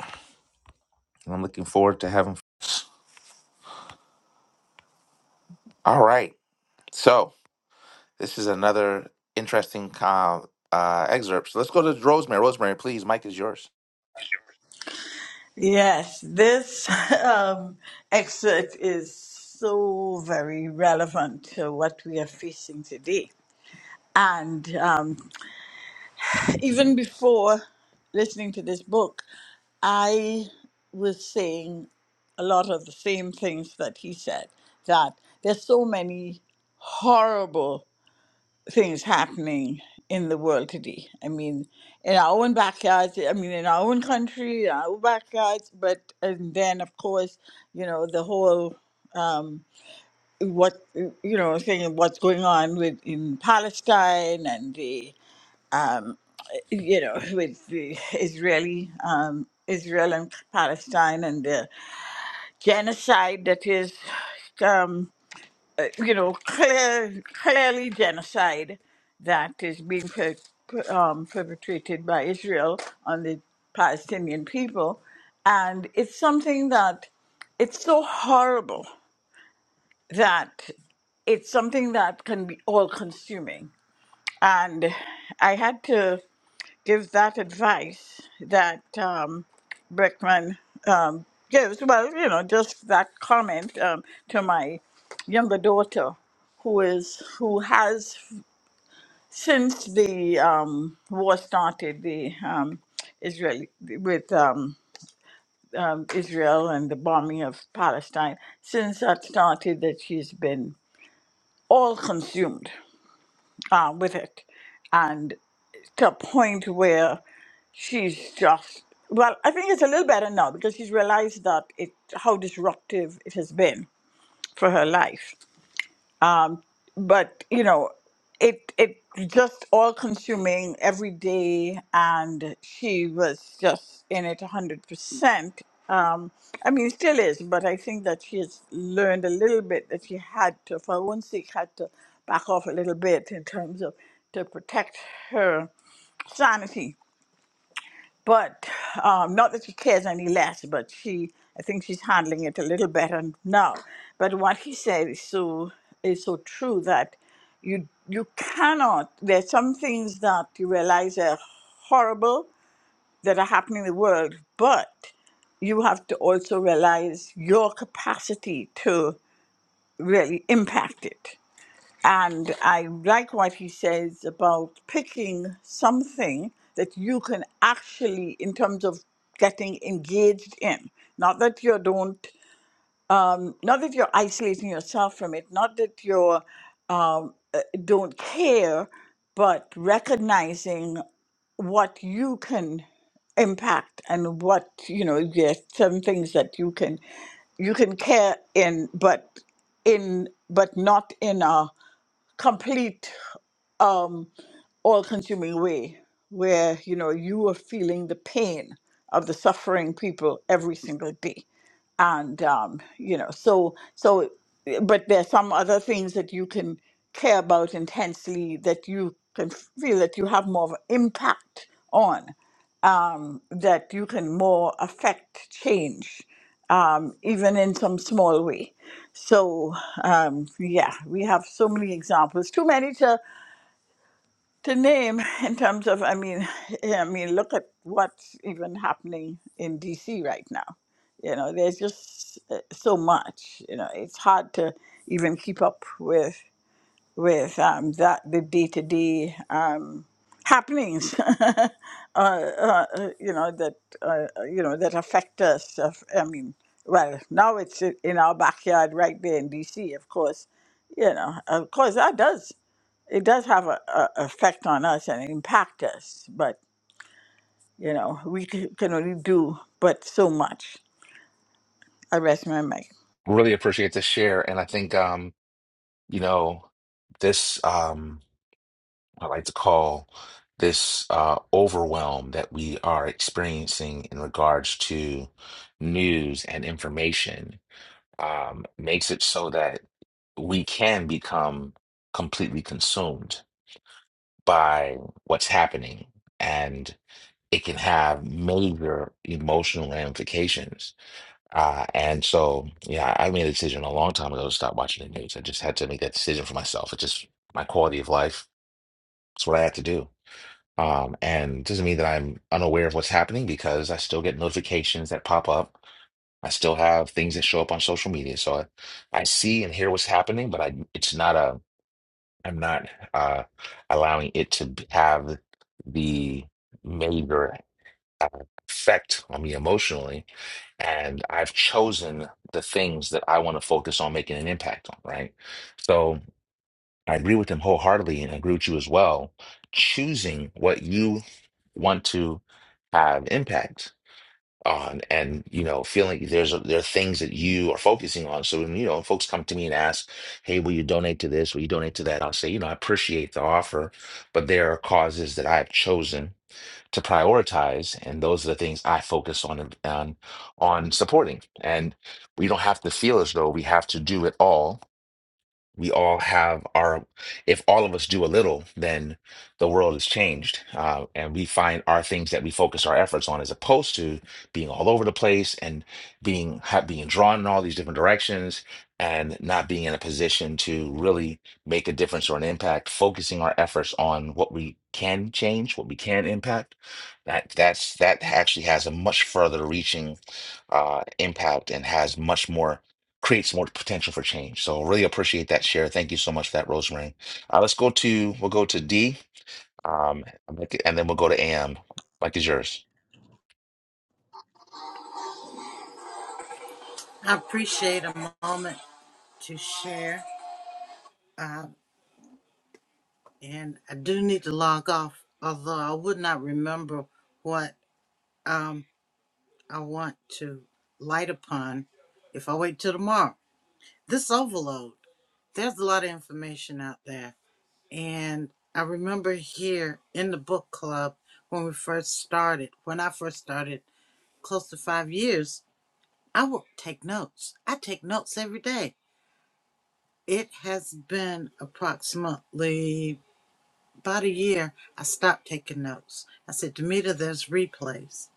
A: I'm looking forward to having. All right. So this is another interesting uh, uh, excerpt. So let's go to Rosemary. Rosemary, please, Mike is yours.
N: Yes, this um, excerpt is so very relevant to what we are facing today. And um, even before listening to this book, I was saying a lot of the same things that he said that there's so many horrible things happening in the world today. I mean, in our own backyards, I mean, in our own country, in our own backyards, but and then, of course, you know, the whole um, what you know, saying what's going on with in Palestine and the um, you know, with the Israeli, um, Israel and Palestine and the genocide that is, um, you know, clear, clearly genocide that is being per, per- um, perpetrated by Israel on the Palestinian people. And it's something that, it's so horrible that it's something that can be all consuming. And I had to give that advice that um, Brickman um, gives. Well, you know, just that comment um, to my younger daughter, who is who has since the um, war started, the um, Israeli with um, um, Israel and the bombing of Palestine. Since that started, that she's been all consumed uh, with it, and to a point where she's just well. I think it's a little better now because she's realized that it how disruptive it has been for her life but you know it it just all consuming every day and she was just in it 100% um, i mean still is but i think that she has learned a little bit that she had to for her own sake had to back off a little bit in terms of to protect her sanity but um, not that she cares any less, but she, I think she's handling it a little better now. But what he said is so is so true that you you cannot. There's some things that you realize are horrible that are happening in the world, but you have to also realize your capacity to really impact it and I like what he says about picking something that you can actually, in terms of getting engaged in, not that you don't, not that you're isolating yourself from it, not that you're um, uh, don't care, but recognizing what you can impact and what you know there's some things that you can you can care in but in but not in a complete um, all-consuming way where you know you are feeling the pain of the suffering people every single day and um, you know so so but there's some other things that you can care about intensely that you can feel that you have more of an impact on um, that you can more affect change um, even in some small way so um, yeah we have so many examples too many to to name in terms of i mean eh, i mean look at what's even happening in dc right now you know there's just uh, so much you know it's hard to even keep up with with um, that the day-to-day um, happenings uh, uh, uh, you know that uh, uh, you know that affect us of, i mean well now it's i- in our backyard right there in dc of course you know of course that does it does have a, a effect on us and impact us, but you know we c- can only do but so much. I rest my mic.
A: Really appreciate the share. And I think, um, you know, this, um, I like to call this uh, overwhelm that we are experiencing in regards to news and information um, makes it so that we can become completely consumed by what's happening. and. it can have major emotional ramifications. Uh, and so, yeah, I made a decision a long time ago to stop watching the news. I just had to make that decision for myself. It's just my quality of life. It's what I had to do. Um, and it doesn't mean that I'm unaware of what's happening because I still get notifications that pop up. I still have things that show up on social media. So I, I see and hear what's happening, but I, it's not a, I'm not uh, allowing it to have the major effect on me emotionally. And I've chosen the things that I want to focus on making an impact on, right? So I agree with him wholeheartedly and I agree with you as well. Choosing what you want to have impact on and you know feeling there's a, there are things that you are focusing on so when you know folks come to me and ask hey will you donate to this will you donate to that i'll say you know i appreciate the offer but there are causes that i've chosen to prioritize, and those are the things I focus on on on supporting. And we don't have to feel as though we have to do it all we all have our if all of us do a little then the world is changed uh, and we find our things that we focus our efforts on as opposed to being all over the place and being ha- being drawn in all these different directions and not being in a position to really make a difference or an impact focusing our efforts on what we can change what we can impact that that's that actually has a much further reaching uh, impact and has much more creates more potential for change. So really appreciate that share. Thank you so much for that, Rosemary. Uh, let's go to we'll go to D, um, and then we'll go to AM. Mike is yours.
B: I appreciate a moment to share. Uh, and I do need to log off, although I would not remember what um, I want to light upon if I wait till tomorrow. This overload, there's a lot of information out there. And I remember here in the book club when we first started, when I first started close to five years, I would take notes. I take notes every day It has been approximately about a year. I stopped taking notes. I said, Demita, there's replays.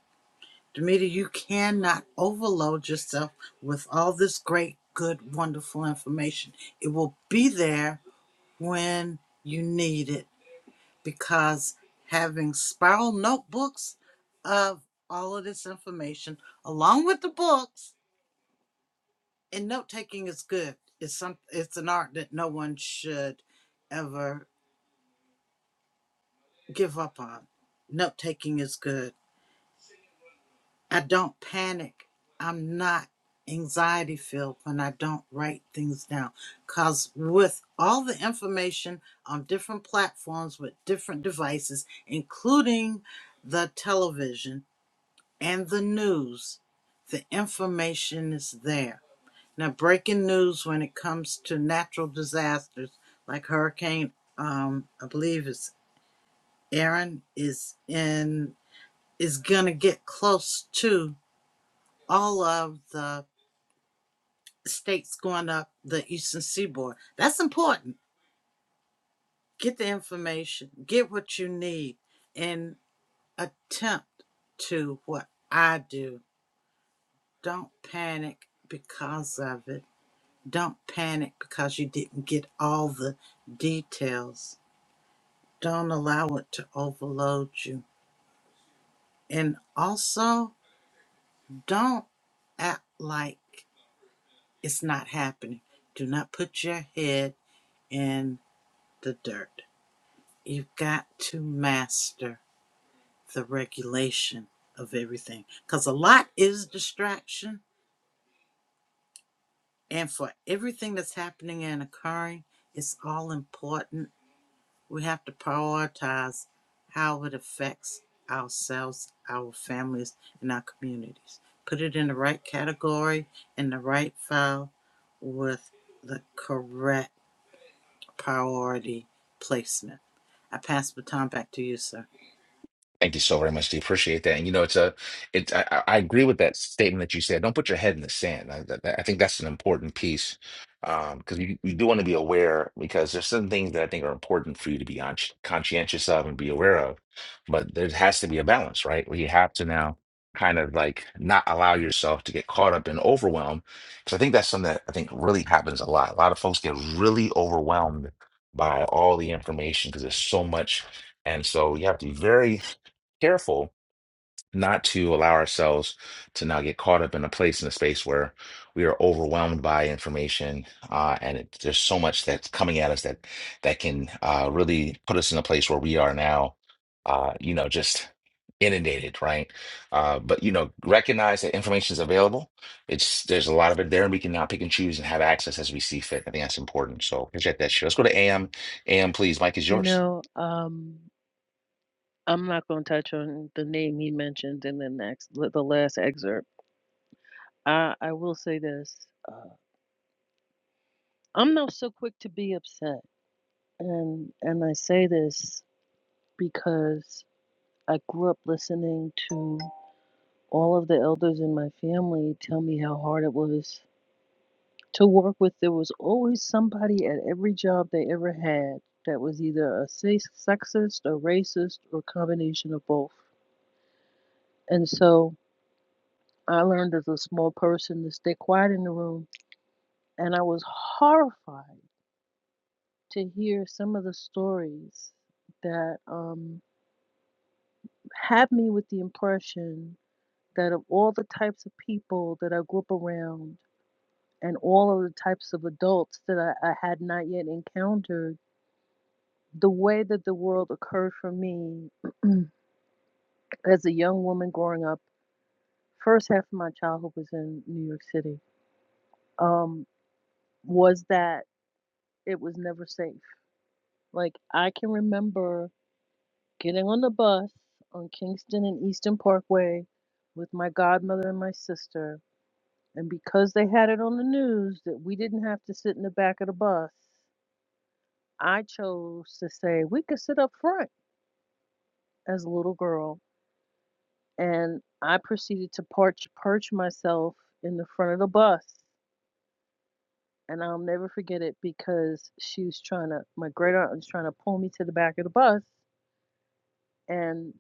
B: Demita, you cannot overload yourself with all this great, good, wonderful information. It will be there when you need it because having spiral notebooks of all of this information along with the books and note taking is good. It's some it's an art that no one should ever give up on. Note taking is good. I don't panic. I'm not anxiety filled when I don't write things down. Because with all the information on different platforms with different devices, including the television and the news, the information is there. Now, breaking news when it comes to natural disasters like Hurricane, um, I believe it's Aaron, is in is going to get close to all of the states going up the eastern seaboard. That's important. Get the information, get what you need, and attempt to what I do. Don't panic because of it. Don't panic because you didn't get all the details. Don't allow it to overload you. And also, don't act like It's not happening. Do not put your head in the dirt. You've got to master the regulation of everything because a lot is distraction. And for everything that's happening and occurring, it's all important. We have to prioritize how it affects ourselves, our families, and our communities. Put it in the right category, in the right file, with the correct priority placement. I pass the baton back to you, sir.
A: Thank you so very much. Do appreciate that. And you know, it's a, it's I, I I agree with that statement that you said. Don't put your head in the sand. I, that, that- I think that's an important piece um, because you, you do want to be aware because there's some things that I think are important for you to be on, conscientious of and be aware of. But there has to be a balance, right? Where you have to now kind of like not allow yourself to get caught up in overwhelm. Because I think that's something that I think really happens a lot. A lot of folks get really overwhelmed by all the information because there's so much. And so you have to be very careful not to allow ourselves to now get caught up in a place in a space where we are overwhelmed by information uh, and it, there's so much that's coming at us that that can uh, really put us in a place where we are now uh, you know just inundated right uh, but you know recognize that information is available it's there's a lot of it there and we can now pick and choose and have access as we see fit i think that's important so appreciate that share let's go to am am please mike is
C: You
A: yours
C: know, um, I'm not going to touch on the name he mentioned in the next, the the last excerpt. I, I will say this: uh, I'm not so quick to be upset, and and I say this because I grew up listening to all of the elders in my family tell me how hard it was to work with. There was always somebody at every job they ever had that was either a sex- sexist, a racist, or a combination of both, and so. I learned as a small person to stay quiet in the room, and I was horrified to hear some of the stories that um, had me with the impression that of all the types of people that I grew up around and all of the types of adults that I, I had not yet encountered, the way that the world occurred for me as a young woman growing up, first half of my childhood was in New York City, um, was that it was never safe Like I can remember getting on the bus on Kingston and Eastern Parkway with my godmother and my sister, and because they had it on the news that we didn't have to sit in the back of the bus, I chose to say we could sit up front as a little girl, and I proceeded to perch perch myself in the front of the bus. And I'll never forget it because she was trying to, my great aunt was trying to pull me to the back of the bus. And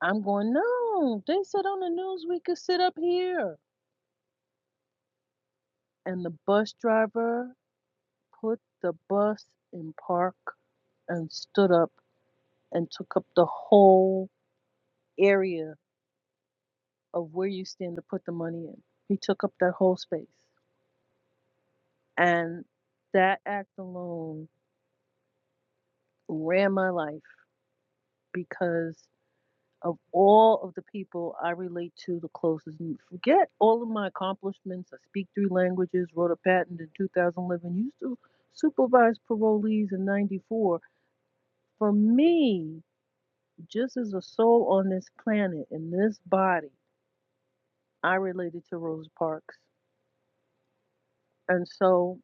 C: I'm going, no, they said on the news we could sit up here. And the bus driver put the bus in park and stood up and took up the whole area of where you stand to put the money in. He took up that whole space. And that act alone ran my life because of all of the people I relate to the closest. And forget all of my accomplishments. I speak three languages, wrote a patent in 2011, used to supervise parolees in 94. For me, just as a soul on this planet, in this body, I related to Rosa Parks. And so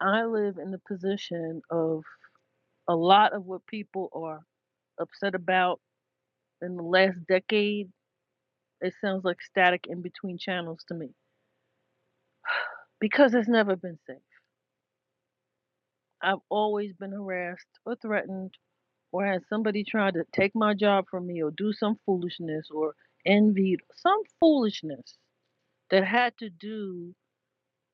C: I live in the position of a lot of what people are upset about in the last decade. It sounds like static in between channels to me because it's never been safe. I've always been harassed or threatened or had somebody try to take my job from me or do some foolishness or envied some foolishness that had to do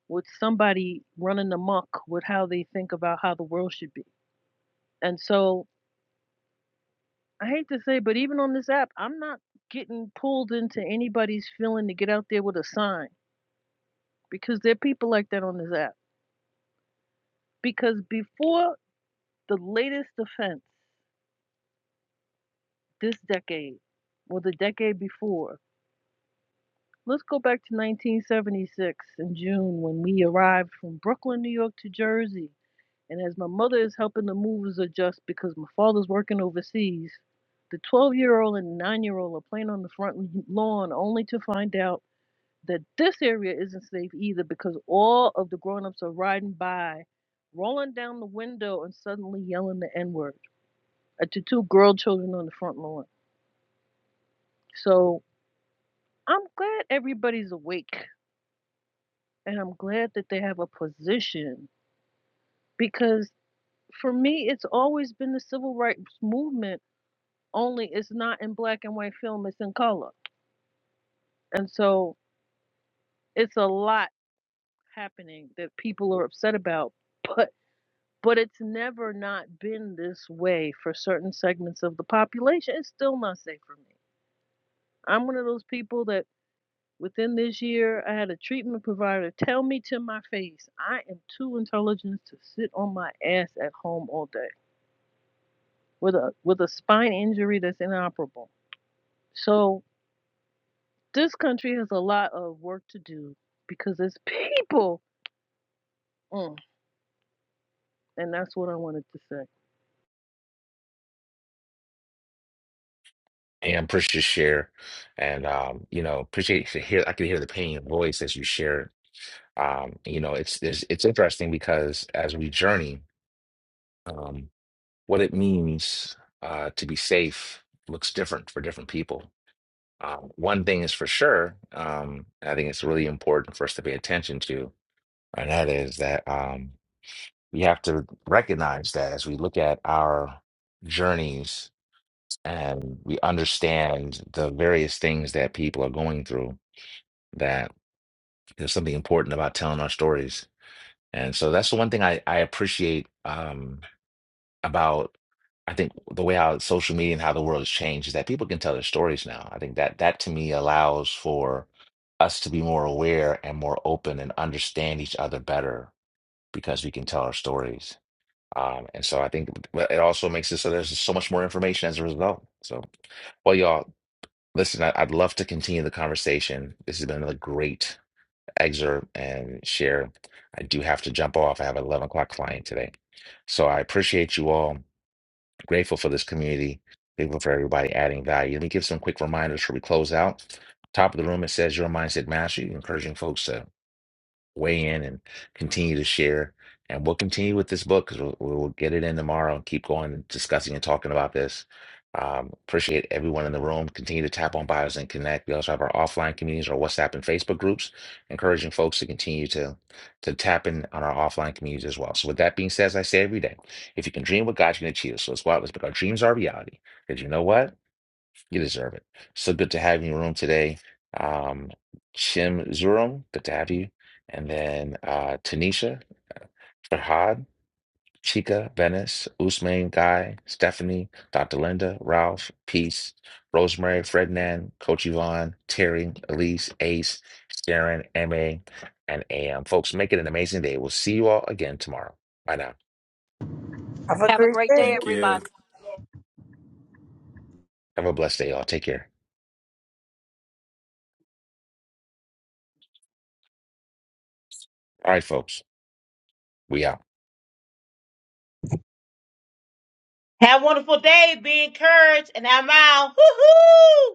C: with somebody running amok with how they think about how the world should be. And so I hate to say, but even on this app, I'm not getting pulled into anybody's feeling to get out there with a sign because there are people like that on this app. Because before the latest offense, this decade or the decade before. Let's go back to 1976 in June when we arrived from Brooklyn, New York to Jersey. And as my mother is helping the movers adjust because my father's working overseas, the 12 year old and 9 year old are playing on the front lawn only to find out that this area isn't safe either because all of the grown ups are riding by, rolling down the window, and suddenly yelling the N word at the two girl children on the front lawn. So I'm glad everybody's awake and I'm glad that they have a position because for me, it's always been the civil rights movement, only it's not in black and white film, it's in color. And so it's a lot happening that people are upset about, but but it's never not been this way for certain segments of the population. It's still not safe for me. I'm one of those people that Within this year, I had a treatment provider tell me to my face, I am too intelligent to sit on my ass at home all day with a with a spine injury that's inoperable. So this country has a lot of work to do because it's people, Mm, and that's what I wanted to say.
A: and appreciate your share, and um, you know, appreciate to hear. I could hear the pain in your voice as you share. Um, you know, it's it's it's interesting because as we journey, um, what it means uh, to be safe looks different for different people. Um, one thing is for sure, um, I think it's really important for us to pay attention to, and that is that um, we have to recognize that as we look at our journeys and we understand the various things that people are going through that there's something important about telling our stories. And so that's the one thing I, I appreciate um, about I think the way how social media and how the world has changed is that people can tell their stories now. I think that that to me allows for us to be more aware and more open and understand each other better because we can tell our stories. Um, and so I think it also makes it so there's so much more information as a result. So, well, y'all, listen, I, I'd love to continue the conversation. This has been another great excerpt and share. I do have to jump off. I have an 11 o'clock client today. So I appreciate you all. Grateful for this community. Grateful for everybody adding value. Let me give some quick reminders before we close out. Top of the room, it says your mindset mastery, encouraging folks to weigh in and continue to share. And we'll continue with this book because we'll, we'll get it in tomorrow and keep going and discussing and talking about this. Um, appreciate everyone in the room. Continue to tap on bios and connect. We also have our offline communities, our WhatsApp and Facebook groups, encouraging folks to continue to to tap in on our offline communities as well. So, with that being said, as I say every day, if you can dream what God, you can achieve. So, let's go out. Let's make our dreams our reality. Because you know what? You deserve it. So good to have you in the room today. Um, Shim Zurum, good to have you. And then uh, Tanisha, Farhad, Chica, Venice, Usman, Guy, Stephanie, Dr. Linda, Ralph, Peace, Rosemary, Ferdinand, Coach Yvonne, Terry, Elise, Ace, Sharon, MA, and AM. Folks, make it an amazing day. We'll see you all again tomorrow. Bye now.
G: Have a great day,
P: Thank
G: everybody.
P: you.
A: Have a blessed day, all. Take care. All right, folks. We out.
D: Have a wonderful day. Be encouraged. And I'm out. Hoo-hoo!